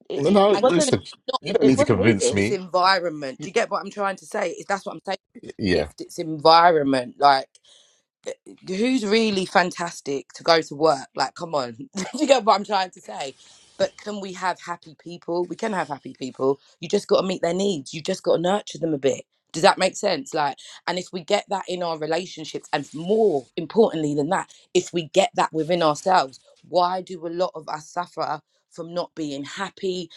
no, no, And Colin, listen. You don't need to convince it's me. environment. Do Y- you get what I'm trying to say? It's, that's what I'm saying. Yeah. Shift. It's environment. Like. uh, who's really fantastic to go to work? Like, come on, Do you get what I'm trying to say? But can we have happy people? We can have happy people. You just got to meet their needs. You just got to nurture them a bit. Does that make sense? Like, and if we get that in our relationships, and more importantly than that, if we get that within ourselves, why do a lot of us suffer from not being happy,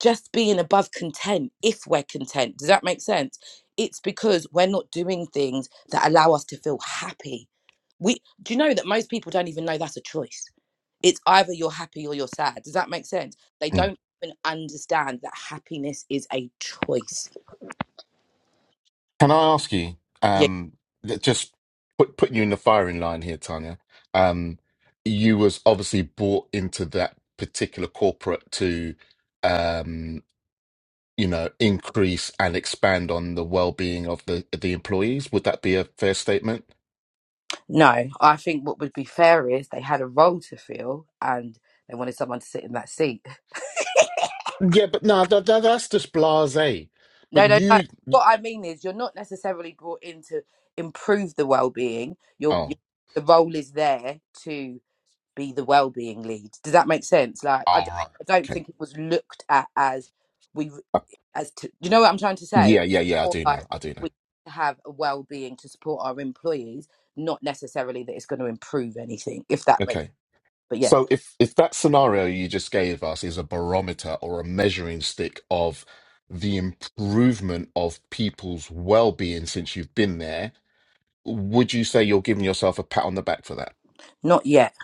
just being above content if we're content. Does that make sense? It's because we're not doing things that allow us to feel happy. We do you know that most people don't even know that's a choice. It's either you're happy or you're sad. Does that make sense? They Mm. don't even understand that happiness is a choice. Can I ask you, Yeah. um, that just put, putting you in the firing line here, Tanya, um, you was obviously bought into that particular corporate to, um, you know, increase and expand on the well-being of the the employees. Would that be a fair statement? No, I think what would be fair is they had a role to fill and they wanted someone to sit in that seat Yeah, but no, that, that, that's just blasé. No, But no, no. you, What I mean is, you're not necessarily brought in to improve the well-being. Your your- oh, all the role is there to be the well-being lead. Does that make sense? Like, I, d- right, I don't okay, think it was looked at as we Uh, as to you know what I'm trying to say, yeah, yeah, yeah. I or do now. like I do now. we have a well-being to support our employees, not necessarily that it's going to improve anything. If that makes, Okay. but yeah, So if if that scenario you just gave us is a barometer or a measuring stick of the improvement of people's well-being since you've been there, would you say you're giving yourself a pat on the back for that? not yet.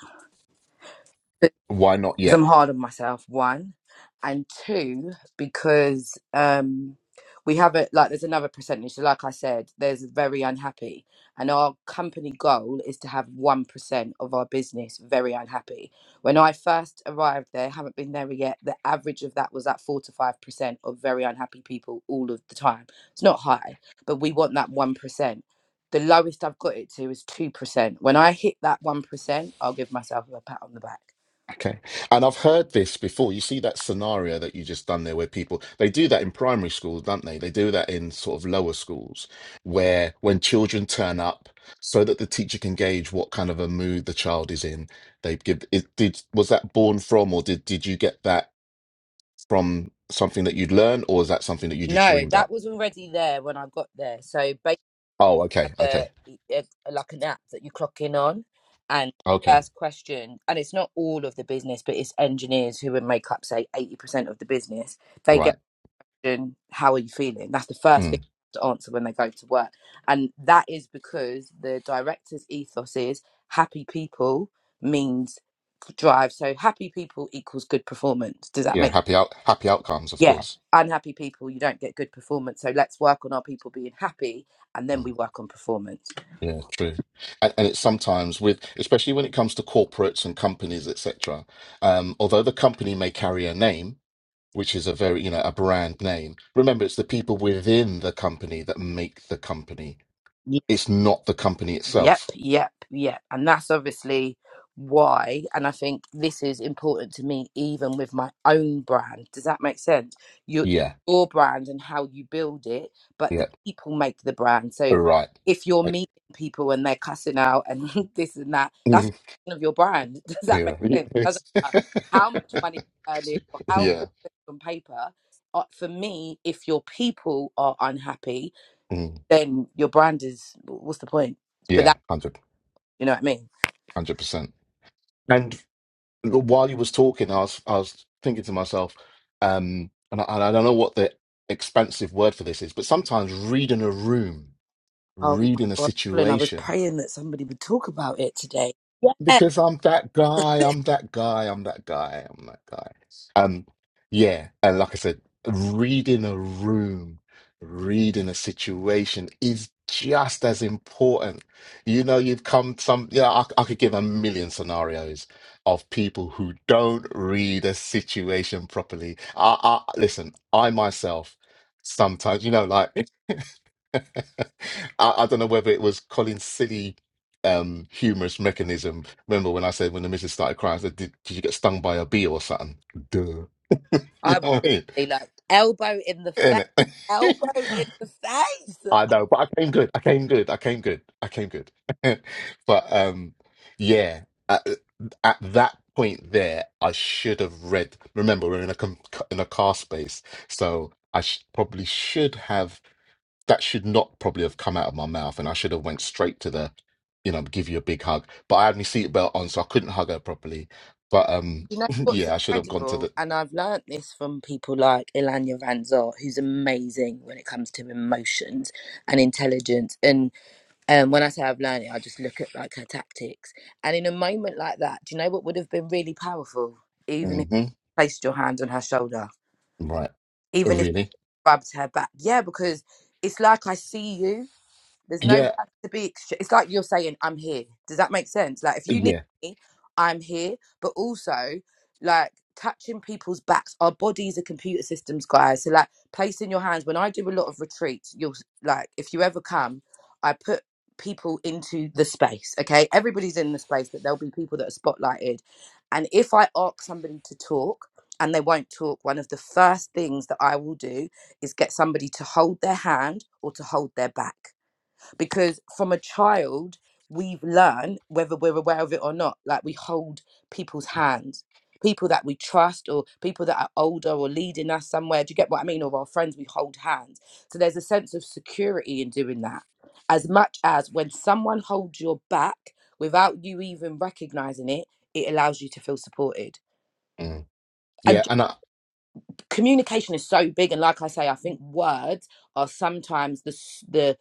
Why not because yet? I'm hard on myself, one, and two, because um, we have it like there's another percentage. So, like I said, there's very unhappy, and our company goal is to have one percent of our business very unhappy. When I first arrived there, haven't been there yet. The average of that was at four to five percent of very unhappy people all of the time. It's not high, but we want that one percent. The lowest I've got it to is two percent. When I hit that one percent, I'll give myself a pat on the back. Okay. And I've heard this before. You see that scenario that you just done there where people they do that in primary schools, don't they? They do that in sort of lower schools where when children turn up so that the teacher can gauge what kind of a mood the child is in, they give it did was that born from or did did you get that from something that you'd learn, or is that something that you just No, dreamed that up? was already there when I got there. So basically, Oh, have okay. a, Okay. a like an app that you clock in on, and Okay. first question, and it's not all of the business, but it's engineers who would make up say eighty percent of the business. They get Right. in, how are you feeling? That's the first thing Mm. to answer when they go to work, and that is because the director's ethos is happy people means drive. So happy people equals good performance. Does that Yeah, make happy out happy outcomes, of yeah course. unhappy people you don't get good performance so let's work on our people being happy and Mm. then we work on performance Yeah, true. And, and it's sometimes with, especially when it comes to corporates and companies, etc. Um, although the company may carry a name, which is a very, you know, a brand name, remember it's the people within the company that make the company. It's not the company Yep, itself. yep, yep. And that's obviously why. And I think this is important to me, even with my own brand. Does that make sense? Your, Yeah, your brand and how you build it, but yeah, the people make the brand. So right. if you're Right. meeting people and they're cussing out and this and that, that's Mhm. none of your brand. Does that make Yeah. sense? Doesn't matter how much Yeah. money you're earning or how yeah. good it is on paper. Uh, For me, if your people are unhappy, Mm. then your brand is what's the point? But Yeah, 100, you know what I mean? percent, and. while you was talking, I was I was thinking to myself, um, and I, and I don't know what the expansive word for this is, but sometimes reading a room, Oh my reading a God. And I was situation praying that somebody would talk about it today. Yeah. because I'm that guy, I'm that guy, I'm that guy, I'm that guy. Um, yeah, and like I said, reading a room, reading a situation is just as important. You know, you've come some, yeah, I, I could give a million scenarios of people who don't read a situation properly. I, I listen, I myself sometimes, you know, like. I, I don't know whether it was Colin's silly um humorous mechanism. Remember when I said when the missus started crying, I said, did, did you get stung by a bee or something? Duh. You I was know what I mean? literally like elbow in the face, Innit? elbow in the face. I know, but I came good. I came good. I came good. I came good. but um yeah, at, at that point there, I should have read. Remember, we're in a com- in a car space, so I sh- probably should have that should not probably have come out of my mouth and I should have went straight to the, you know, give you a big hug. But I had my seatbelt on, so I couldn't hug her properly. But um You know what's yeah, I should have gone to incredible? the And I've learnt this from people like Ilanya Van Zor, who's amazing when it comes to emotions and intelligence. And um, when I say I've learned it, I just look at like her tactics. And in a moment like that, do you know what would have been really powerful? Even if hmm you placed your hand on her shoulder. right. Even Really? rubbed her back. Yeah, because it's like I see you. There's no Yeah, words to be. ex- It's like you're saying, "I'm here." Does that make sense? Like, if you need yeah. me, I'm here. But also, like touching people's backs. Our bodies are computer systems, guys. So, like, placing your hands. When I do a lot of retreats, you'll like if you ever come, I put people into the space. Okay, everybody's in the space, but there'll be people that are spotlighted. And if I ask somebody to talk and they won't talk, one of the first things that I will do is get somebody to hold their hand or to hold their back because from a child we've learned whether we're aware of it or not like we hold people's hands people that we trust or people that are older or leading us somewhere do you get what i mean or our friends we hold hands so there's a sense of security in doing that as much as when someone holds your back without you even recognizing it it allows you to feel supported Mm, And yeah, and I communication is so big and like i say i think words are sometimes the s- the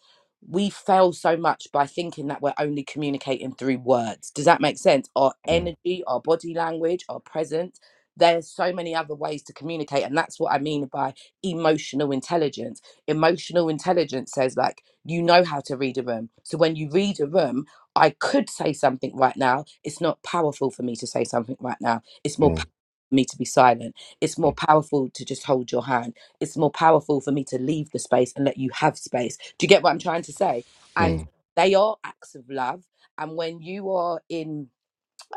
we fail so much by thinking that we're only communicating through words does that make sense our mm, energy our body language our presence there's so many other ways to communicate and that's what i mean by emotional intelligence emotional intelligence says like you know how to read a room so when you read a room i could say something right now it's not powerful for me to say something right now it's more mm, powerful for me to be silent it's more mm, powerful to just hold your hand. It's more powerful for me to leave the space and let you have space. Do you get what I'm trying to say? And mm, they are acts of love. And when you are in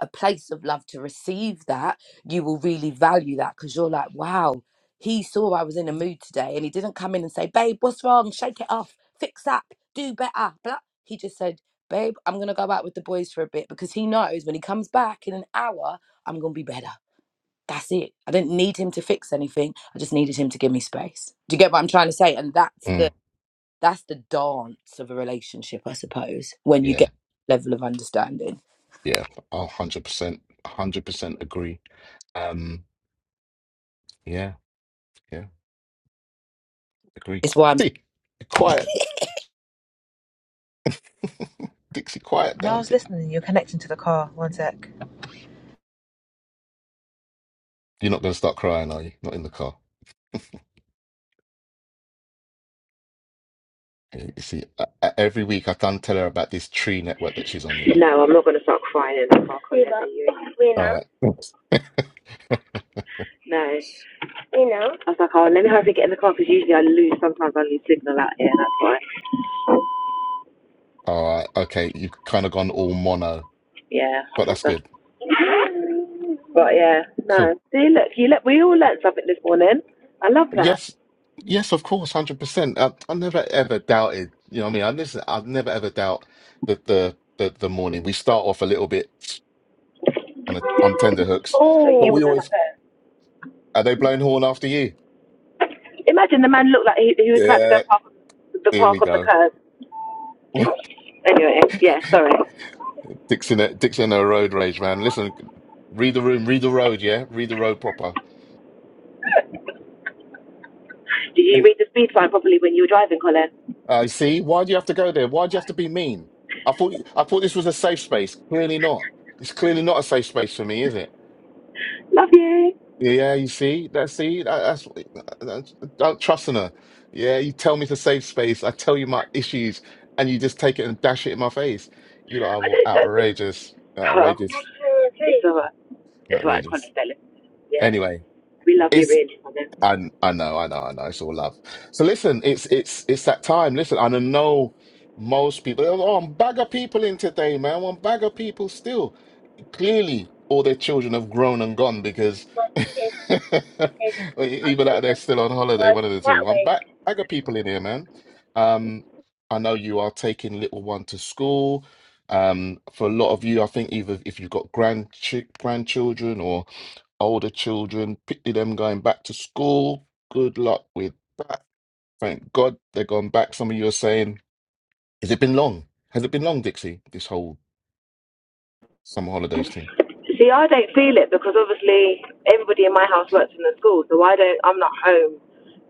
a place of love to receive that, you will really value that because you're like, wow, he saw I was in a mood today and he didn't come in and say, babe, what's wrong? Shake it off, fix up, do better. Blah. He just said, babe, I'm going to go out with the boys for a bit because he knows when he comes back in an hour, I'm going to be better. That's it. I didn't need him to fix anything. I just needed him to give me space. Do you get what I'm trying to say? And that's the mm, that's the dance of a relationship, I suppose, when you yeah, get level of understanding. yeah. A hundred percent a hundred percent agree. Um yeah, yeah, agree. It's why I'm See, quiet Dixie quiet down Di- You're not gonna start crying, are you? Not in the car. You see, I, I- every week I can't tell her about this tree network that she's on, you know. No, I'm not going to start crying in the car All right. Thanks. No. I was like, oh, let me hurry and get in the car because usually I lose, sometimes I lose signal out here, that's why. All right. Okay. You've kind of gone all mono, Yeah. but that's awesome. good. But yeah, no. Cool. See, look, you let, we all learnt something this morning. I love that. Yes. Yes, of course, 100%. I, I never ever doubted, you know what I mean? I listen, I've never ever doubt the, the the the morning. We start off a little bit on a, on tender hooks, Oh. So but you were we going up always there. are they blowing horn after you? Imagine the man looked like he, he was about to go Yeah, park the here we park on the go. curb. Anyway, yeah, sorry. Dixon, uh, Dixon, a road rage, man. Listen, read the room, read the road, yeah, read the road proper. Did you And read the speed sign properly when you were driving, Colin? I see. Why do you have to go there? Why do you have to be mean? I thought, I thought this was a safe space. Clearly not. It's clearly not a safe space for me, is it? Love you. Yeah, you see, that see, that, that's, that's don't trust in her. Yeah, you tell me it's a safe space. I tell you my issues, and you just take it and dash it in my face. You I know, i don't, don't think- outrageous, so. Oh, outrageous, it's all right. It's all right, outrageous. Colin, darling. Yeah, Anyway. we love you it's. really, Colin. I I know, I know, I know. It's all love. So listen, it's it's it's that time. Listen, and I know most people. Oh, I'm bag of people in today, man. I'm bag of people still. Clearly, all their children have grown and gone because either that or they're still on holiday, one of the two. I'm back, bag of people in here, man. Um, I know you are taking little one to school. Um, for a lot of you, I think either if you've got grandchi grandchildren or older children, picture them going back to school. Good luck with that. Thank God they're gone back. Some of you are saying, has it been long? Has it been long, Dixie, this whole summer holidays thing? See, I don't feel it because obviously everybody in my house works in the school, so I don't. I'm not home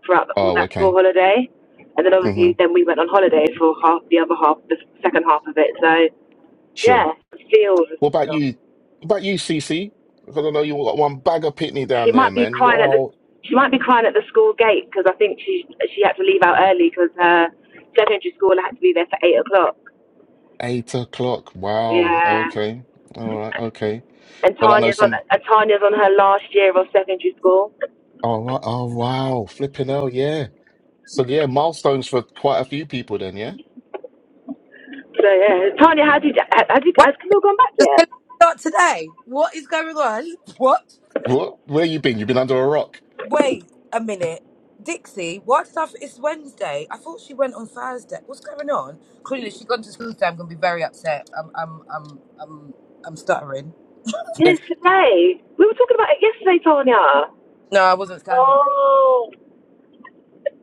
throughout the, all Oh, that school okay. holiday, and then Mm-hmm. obviously then we went on holiday for half the other half, the second half of it. So Sure. yeah, it feels. What about you? What about you, CC? Because I know you got one bag of pitney She down there, might be man. You got crying at the all she might be crying at the school gate because I think she she had to leave out early because her secondary school had to be there for eight o'clock. eight o'clock. Wow. Yeah. Okay. All right. Okay. And Well, I know Tanya's on some. and Tanya's on her last year of secondary school. All right. Oh, wow. Flipping hell. Yeah. So, yeah, milestones for quite a few people then, yeah? So yeah, Tanya, how did you, had, had you, Why has Camille gone back does yet? Kelly start today? What is going on? What? What? Where you been? You've been under a rock. Wait a minute. Dixie, why did I? f- It's Wednesday. I thought she went on Thursday. What's going on? Clearly, she gone to school today. I'm gonna be very upset. I'm, I'm, I'm, I'm, I'm stuttering. Wait, Yesterday. We were talking about it yesterday, Tanya. No, I wasn't standing. Oh,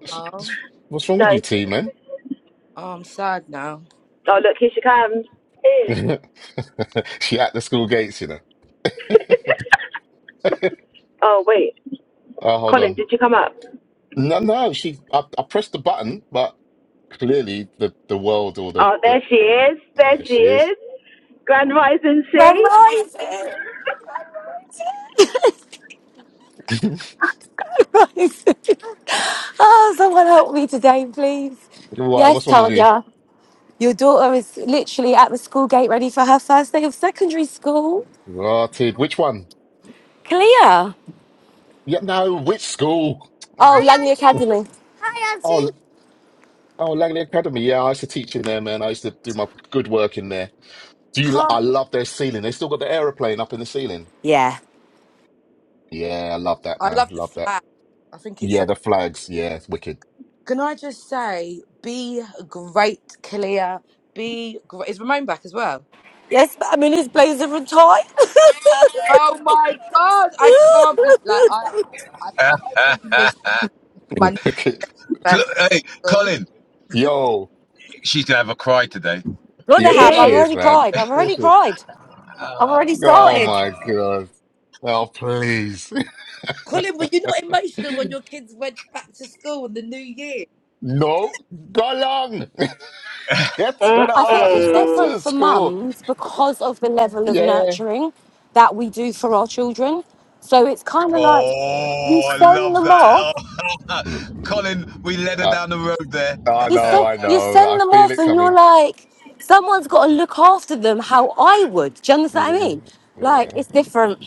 What's Oh, what's wrong with you, No. T, man? oh I'm sad now. Oh, look, here she comes. is She at the school gates, you know. oh, wait. Oh, hold Colin, on. did you come up? No, no. She. I, I pressed the button, but clearly the the world or the, Oh, the there she is. There There she she is. is. Grand Rising I'm C. rising. rising. Oh, someone help me today, please. Why? Yes, What's wrong with you? Tanya. Your daughter is literally at the school gate ready for her first day of secondary school. Rotted. Which one? Clear. Oh, Yeah, no, which school? Hi, Oh, Langley Auntie. Academy. Hi, oh, Auntie. oh, Langley Academy. Yeah, I used to teach in there, man. I used to do my good work in there. Do you? lo- Huh? I love their ceiling. They still got the aeroplane up in the ceiling. Yeah. Yeah, I love that, I man. love the Love that. flag. I think it's Yeah, like. the flags. Yeah, it's wicked. Can I just say, be great, Kalia. Be great. Is Ramon back as well? Yes, but i mean, in his blazer and tie. Oh my god! I can't believe. Like I, I, I don't really miss my new Wicked. first day of hey, school. Colin, Yo. she's gonna have a cry today. Yeah, She Gonna of course have. I've she is. is, already man. cried. Of I've course already she is. cried. I've Ah, already Oh started. my ah. God. Oh, please. Colin, were you not emotional when your kids went back to school in the new year? No, go along. Get to the I think ass, it's Mm-mm. different for Francisco. mums because of the level of Yeah. nurturing that we do for our children. So it's kind of like you Oh, I send love them that. off, Oh, Colin, we led her I, down the road there. I you know, send, I you know. send I them feel off, it and you're coming. like, someone's got to look after them how I would. Do you understand what I mean? Mm, Like Yeah. it's different.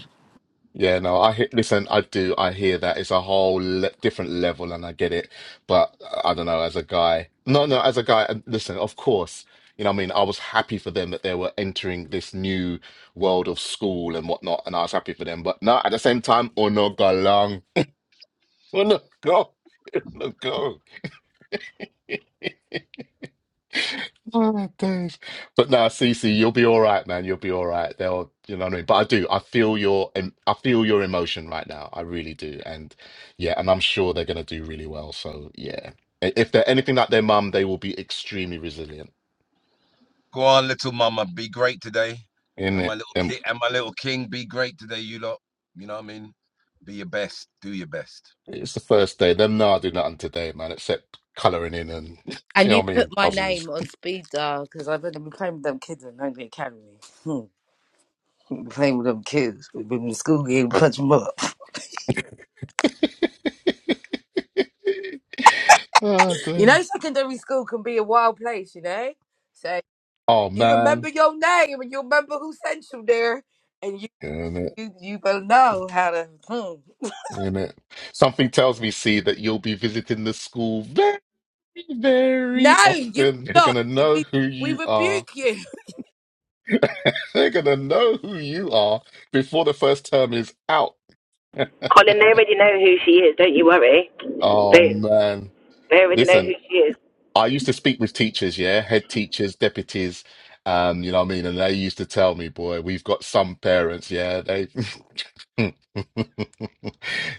Yeah, no, I hear, listen, I do, I hear that. It's a whole le different level and I get it. But uh, I don't know, as a guy, no, no, as a guy, and listen, of course, you know what I mean? I was happy for them that they were entering this new world of school and whatnot, and I was happy for them. But no, at the same time, oh no, galang, oh no, go, oh no, go. Oh, days. But no, Cece, you'll be all right, man. You'll be all right. They'll, you know what I mean. But I do. I feel your, em- I feel your emotion right now. I really do. And yeah, and I'm sure they're gonna do really well. So yeah, I- if they're anything like their mum, they will be extremely resilient. Go on, little mama, be great today. In And my it, little and kid and my little king, be great today, you lot. You know what I mean? Be your best. Do your best. it's the first day. Them nah do nothing today, man, except colouring in and do you And know you what I put mean, my puzzles. name on speed dial because I've been, I've been playing with them kids in do academy. Hmm. Been Playing with them kids, we've been in school game, punch them up. oh, You know, days. secondary school can be a wild place, you know. So, Oh You remember man. your name and you remember who sent you there, and you you, you will know how to. Hmm. in it. Something tells me, see, that you'll be visiting the school very, very No, you often. They're will not. gonna know We who we you are. rebuke you. They're gonna know who you are before the first term is out. Colin, they already know who she is. Don't you worry. Oh They man. they already know Listen. who she is. I used to speak with teachers, yeah, head teachers, deputies, um, you know what I mean? And they used to tell me, boy, we've got some parents, yeah, they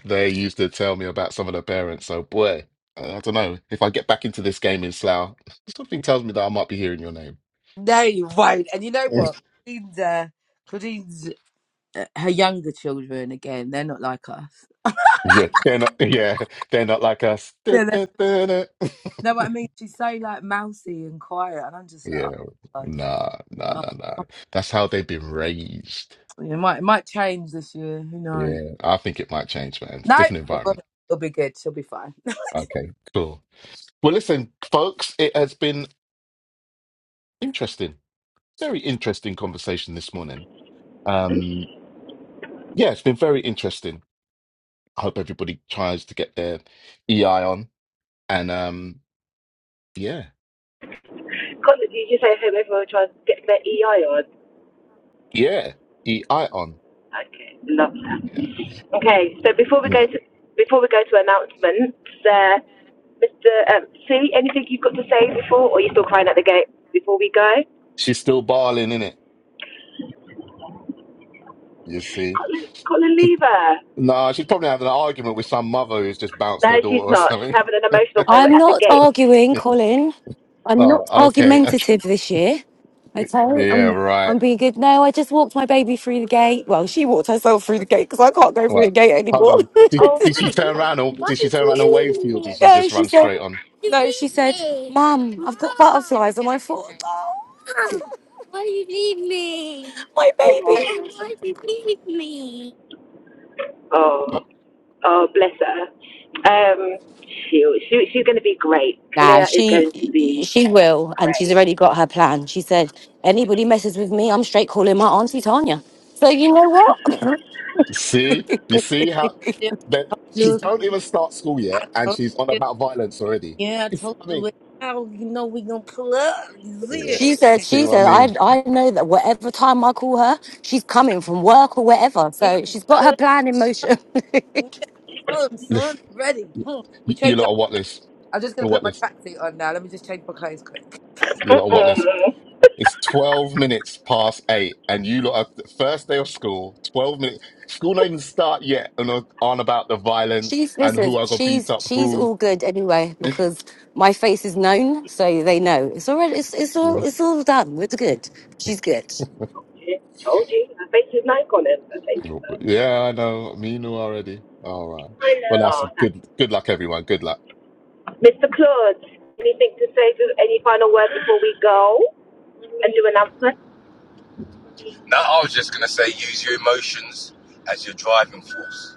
they used to tell me about some of the parents. So, boy, I don't know. If I get back into this game in Slough, something tells me that I might be hearing your name. No, you won't. And you know what? Claudine's, uh, Claudine's uh, her younger children again. They're not like us. Yeah, they're not, yeah, they're not like us. Yeah, Yeah, they know what I mean. She's so like mousy and quiet, and I'm just like, oh my god. nah, nah, nah, Oh, nah. That's how they've been raised. it might it might change this year. Who knows? Yeah, I think it might change, man. It's a No, different it will. environment. It'll be good. She'll be fine. Okay, cool. Well, listen, folks, it has been interesting, very interesting conversation this morning. Um, yeah, it's been very interesting. I hope everybody tries to get their EI on, and um, yeah, Colin, you just say hello. Everyone tries to get their EI on. yeah, EI on. Okay, lovely. Yeah, Okay, so before we Mm. go to before we go to announcements, uh, Mr. Um, C, anything you've got to say before, or are you still crying at the gate before we go? she's still barling in it. You see, Colin, Colin, she, leave her. nah, she's probably having an argument with some mother who's just bounced No, their she's daughter or not. She's something. having an emotional moment I'm at the not gate. arguing, Colin. I'm not oh, okay, okay, argumentative this year. Okay, yeah, I'm right. I'm being good. No, I just walked my baby through the gate. Well, she walked herself through the gate because I can't go All through the right, gate hold anymore. on. Did Oh, did she turn around or did she turn around and wave to you, or did she no, just she run said. straight on? No, she said, "Mum, I've got butterflies and on my foot." My oh, baby. oh, oh, bless her. Um, she, she, she's going to be great. Nah, Kalia is she going to be she will, and she's great. already got her plan. She said, anybody messes with me, I'm straight calling my auntie Tanya. So you know what? See, you see how Yeah. that she don't even start school yet, I and told she's on you. about violence already. Yeah, I You see told what I you mean? what how you know we gonna pull up. Yeah, Yeah, she said, see she what I said, I mean? I know that whatever time I call her, she's coming from work or wherever. yeah, So she's got her plan in motion. yeah, Huh, son, ready. you, Hmm. Let me you change lot up. are what this? I'm just going to put What my this? taxi on now. Let me just change my clothes quick. You lot are what this? Mm-mm. It's twelve minutes past eight, and you lot are first day of school. Twelve minutes. School do not even start yet, and are on about the violence she's and listen, who I got beat she's up. she's Who? all good anyway because my face is known, so they know it's already it's it's all it's all done. It's good. She's good. Told you, her face is like on him. Her face. Yeah, I know. Me knew already. All right. I Well, know. that's Oh, that good. Good luck, everyone. Good luck. Mr. Claude, anything to say to any final words before we go and do announcements? No, I was just gonna say use your emotions as your driving force.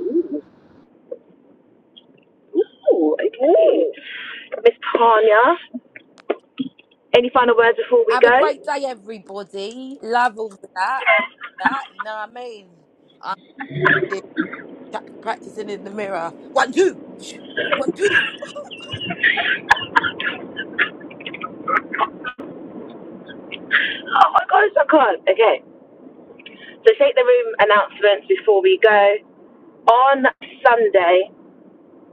Ooh, ooh, okay. Miss Tanya, any final words before we Have a go? great day, everybody. Love all of that and that. You know what I mean? I'm here cha- practicing in the mirror. One, two. One, two. Oh my gosh, I can't. Okay. So shake the room announcements before we go. On Sunday,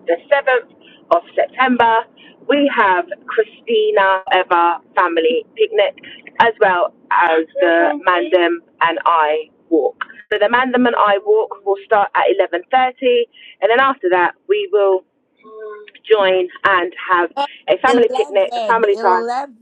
the 7th of September, we have Christina Eva Family Picnic, as well as the Mandem and I Walk. So the Mandem and I Walk will start at 11.30, and then after that, we will join and have Uh, a family picnic, a family time. eleven,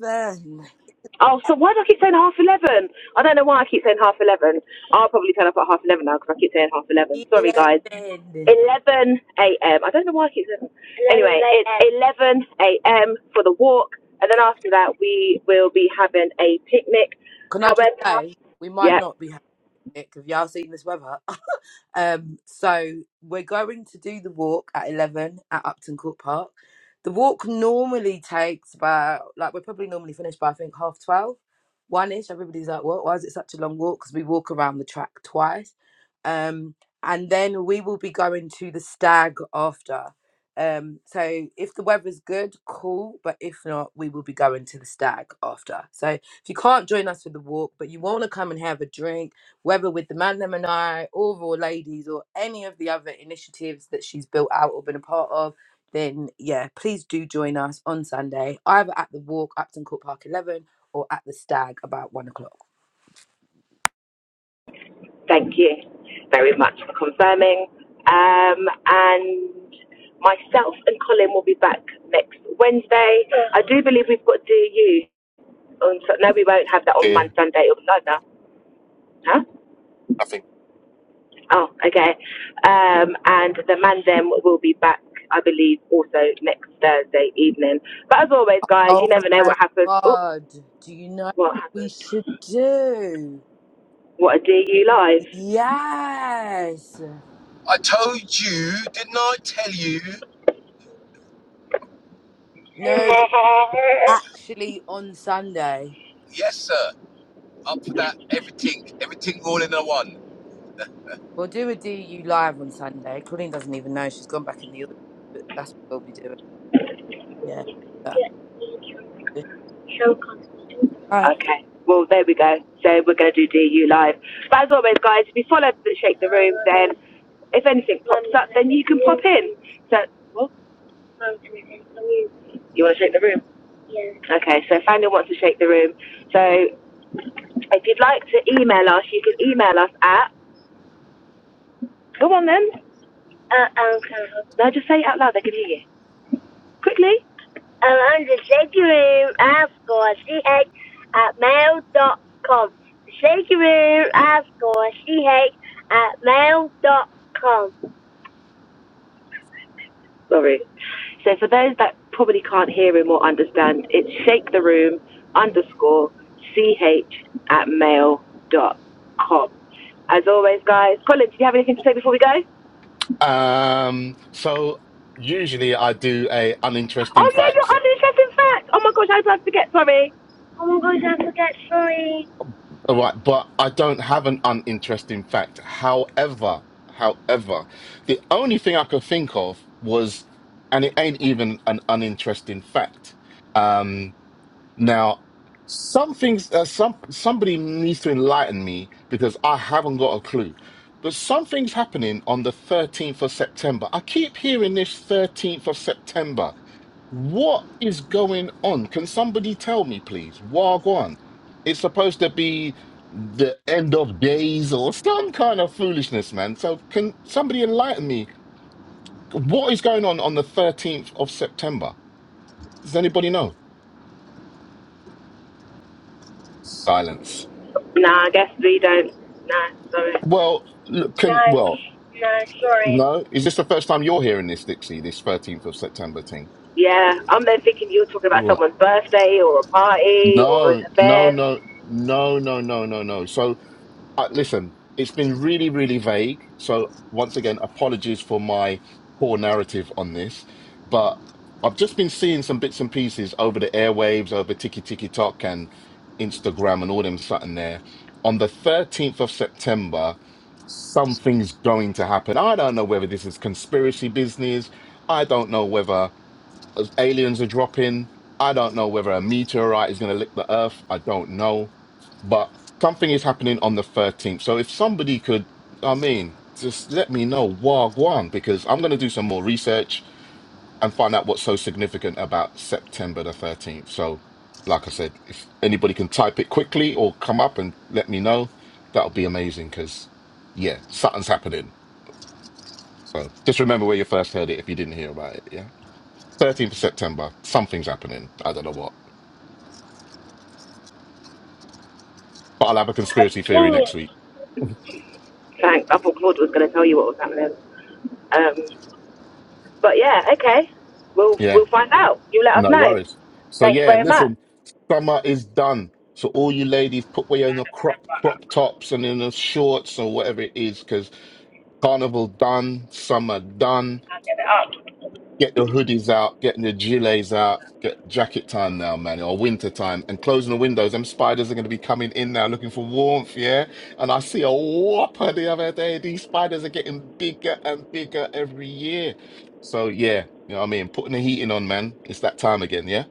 Oh, so why do I keep saying half 11? I don't know why I keep saying half 11. I'll probably turn up at half 11 now because I keep saying half 11. eleven, Sorry, guys. eleven. 11 a.m. I don't know why I keep saying. that. Anyway, it's 11 a.m. for the walk, and then after that we will be having a picnic. Can I just However, say, we might yeah, not be having it because y'all seen this weather. Um, so we're going to do the walk at 11 at Upton Court Park. The walk normally takes about, like, we're probably normally finished by, I think, half twelve, one ish. Everybody's like, what? Why is it such a long walk? Because we walk around the track twice. Um, and then we will be going to the stag after. Um, so if the weather's good, cool. But if not, we will be going to the stag after. So if you can't join us for the walk, but you want to come and have a drink, whether with the Man Them and I, or raw Ladies, or any of the other initiatives that she's built out or been a part of, then yeah, please do join us on Sunday, either at the walk, Upton Court Park 11, or at the stag about one o'clock. thank you very much for confirming. Um, and myself and Colin will be back next Wednesday. I do believe we've got DU on. So, no, we won't have that on Monday. Dear, Sunday or no, no. Huh? nothing. Oh, okay. Um, and the man them will be back, I believe, also next Thursday evening. But as always, guys, you Oh never know my what happens. Oh, God, do you know what what we happened? should do? What a DU live. Yes. I told you, didn't I tell you? No, but actually on Sunday. Yes, sir. Up for that everything, everything all in a one. We'll do a DU live on Sunday. Claudine doesn't even know. She's gone back in the audience, but that's what we'll be doing. Yeah. that- Right. Okay. Well, there we go. So we're going to do DU live. But as always, guys, if you follow the Shake the Room, then if anything pops up, then you can pop in. So, what? You want to shake the room? Okay, so Fandom wants to shake the room. So if you'd like to email us, you can email us at. Go on then. No, just say it out loud. They can hear you. quickly. Sorry. So for those that probably can't hear him or understand, it's shake the room underscore ch at mail dot com. As always, guys. Colin, do you have anything to say before we go? Um. So usually I do a Oh uninteresting yeah, your fact. uninteresting facts. Oh my gosh, how did I forget? Sorry. All right, but I don't have an uninteresting fact. However, however, the only thing I could think of was, and it ain't even an uninteresting fact. um, Now, some things, uh, some somebody needs to enlighten me because I haven't got a clue. But something's happening on the 13th of September. I keep hearing this 13th of September. What is going on? Can somebody tell me, please? Wagwan. It's supposed to be the end of days or some kind of foolishness, man. So can somebody enlighten me? What is going on on the 13th of September? Does anybody know? Silence. Nah, I guess we don't. Nah, sorry. Well, look, can No, well, no, sorry. no. Is this the first time you're hearing this, Dixie? This thirteenth of September thing? Yeah, I'm then thinking you're talking All about right. someone's birthday or a party or an No, no, event. no, no, no, no, no, no. So uh, listen, it's been really, really vague. So once again, apologies for my poor narrative on this, but I've just been seeing some bits and pieces over the airwaves, over Tiki Tiki Tok and Instagram and all them something there. On the 13th of September, something's going to happen. I don't know whether this is conspiracy business. I don't know whether as aliens are dropping. I don't know whether a meteorite is going to lick the earth. I don't know. But something is happening on the 13th. So if somebody could, I mean, just let me know Wagwan because I'm going to do some more research and find out what's so significant about September the 13th. So, like I said, if anybody can type it quickly or come up and let me know, that'll be amazing because, yeah, something's happening. So just remember where you first heard it if you didn't hear about it. yeah. 13th of September. Something's happening. I don't know what. But I'll have a conspiracy theory next week. Thanks. I thought Claude was going to tell you what was happening. Um, But yeah, okay. We'll Yeah, we'll find out. You let us no know. worries. So, Thank you yeah, very much. listen, summer is done. So, all you ladies, put away on the crop crop tops and in the shorts or whatever it is, because carnival done, summer done. I'll get it up. get the hoodies out, getting the gilets out, get jacket time now, man, or winter time, and closing the windows. Them spiders are going to be coming in now looking for warmth, yeah? And I see a whopper the other day. These spiders are getting bigger and bigger every year. So, yeah, you know what I mean? Putting the heating on, man. It's that time again, yeah?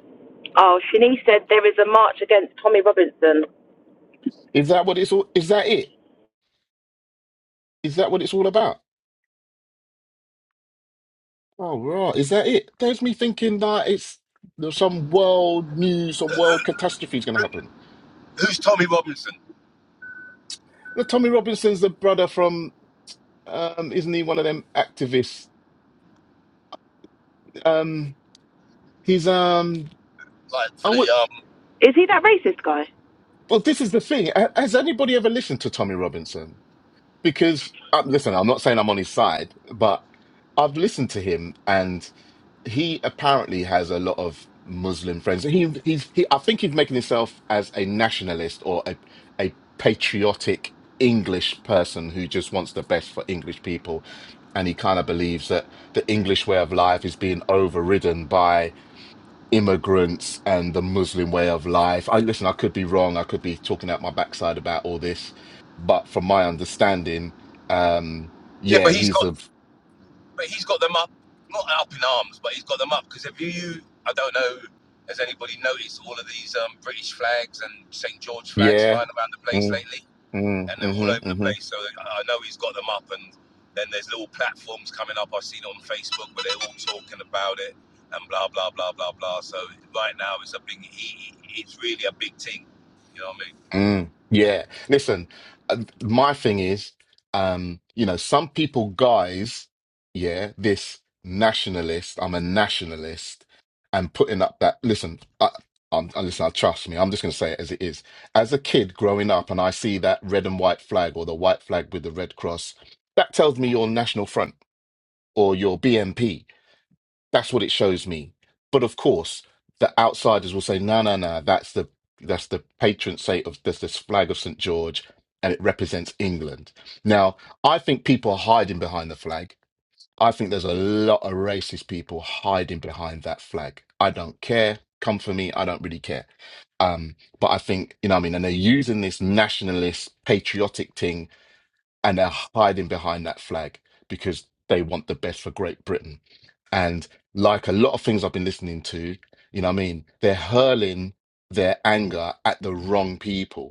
Oh, Shanice said there is a march against Tommy Robinson. Is that what it's all, is that it? Is that what it's all about? Oh, right. Is that it? There's me thinking that it's there's some world news, some world catastrophe is going to happen. Who's Tommy Robinson? Now, Tommy Robinson's the brother from Um, isn't he one of them activists? Um, he's um, Like for I the would. um Is he that racist guy? Well, this is the thing. Ha- Has anybody ever listened to Tommy Robinson? Because uh, listen, I'm not saying I'm on his side, but I've listened to him, and he apparently has a lot of Muslim friends. He he's he. I think he's making himself as a nationalist or a a patriotic English person who just wants the best for English people, and he kind of believes that the English way of life is being overridden by immigrants and the Muslim way of life. I listen, I could be wrong. I could be talking out my backside about all this, but from my understanding, um, Yeah, yeah, but he's got he's a but he's got them up, not up in arms, but he's got them up because if you, I don't know, has anybody noticed all of these um, British flags and St George flags yeah. flying around the place Mm, lately? And they're all mm, over the hmm place. So I know he's got them up, and then there's little platforms coming up. I've seen it on Facebook but they're all talking about it and blah blah blah blah blah. So right now it's a big, he- it's really a big thing. You know what I mean? Mm, yeah. Listen, uh, my thing is, um, you know, some people, guys, yeah, this nationalist, I'm a nationalist, and putting up that, listen, I, I'm, I, listen, I trust me, I'm just going to say it as it is. As a kid growing up, and I see that red and white flag or the white flag with the red cross, that tells me you're National Front or your BNP that's what it shows me. But of course, the outsiders will say, "No, no, no. That's the that's the patron saint of there's this flag of St George, and it represents England." Now, I think people are hiding behind the flag. I think there's a lot of racist people hiding behind that flag. I don't care. Come for me. I don't really care. Um, but I think you know, what I mean, and they're using this nationalist, patriotic thing and they're hiding behind that flag because they want the best for Great Britain. And like a lot of things I've been listening to, you know what I mean? They're hurling their anger at the wrong people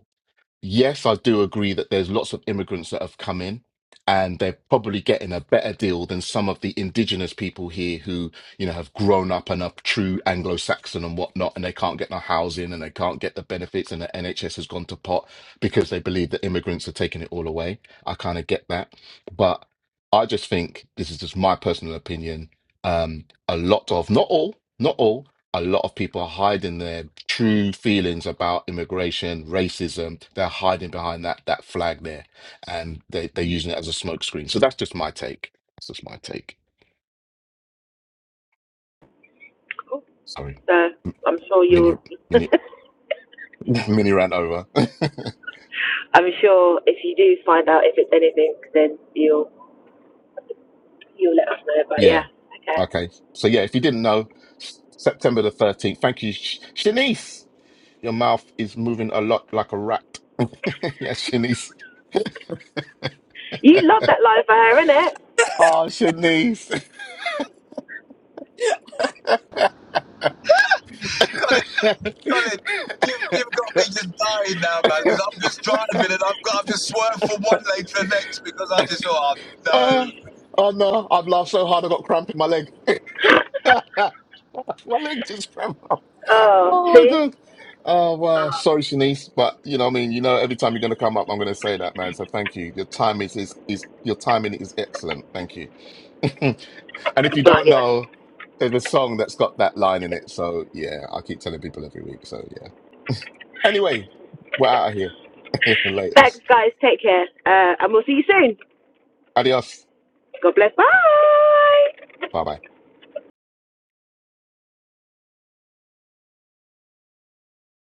yes, I do agree that there's lots of immigrants that have come in and they're probably getting a better deal than some of the indigenous people here who, you know, have grown up and are true Anglo-Saxon and whatnot, and they can't get no housing and they can't get the benefits and the NHS has gone to pot because they believe that immigrants are taking it all away. I kind of get that. But I just think this is just my personal opinion. Um, a lot of, not all, not all a lot of people are hiding their true feelings about immigration, racism. They're hiding behind that that flag there, and they they're using it as a smokescreen. So that's just my take. That's just my take. Cool. Sorry, So I'm sure mini you'll. mini mini rant over. I'm sure if you do find out if it's anything, then you'll you'll let us know. But yeah, yeah. okay. Okay. So yeah, if you didn't know, S- September the thirteenth. Thank you, Sh- Shanice. Your mouth is moving a lot like a rat. yeah, Shanice. You love that line for her, innit? Oh, Shanice. God, Colin, you've, you've got me just dying now, man, because I'm just driving and I've got, I've just swerved from one lane to the next because I just thought, oh, no, Uh, oh no, I've laughed so hard I got cramp in my leg. my leg just cramped up. Oh, Oh my see. god. Oh well, sorry Shanice, but you know what I mean, you know every time you're gonna come up I'm gonna say that, man. So thank you. Your timing is is, is your timing is excellent. Thank you. and if you But don't yeah. know, there's a song that's got that line in it. So yeah, I keep telling people every week. So yeah. Anyway, we're out of here. Thanks, Laters. guys. Take care, uh, and we'll see you soon. Adios. God bless. Bye. Bye bye.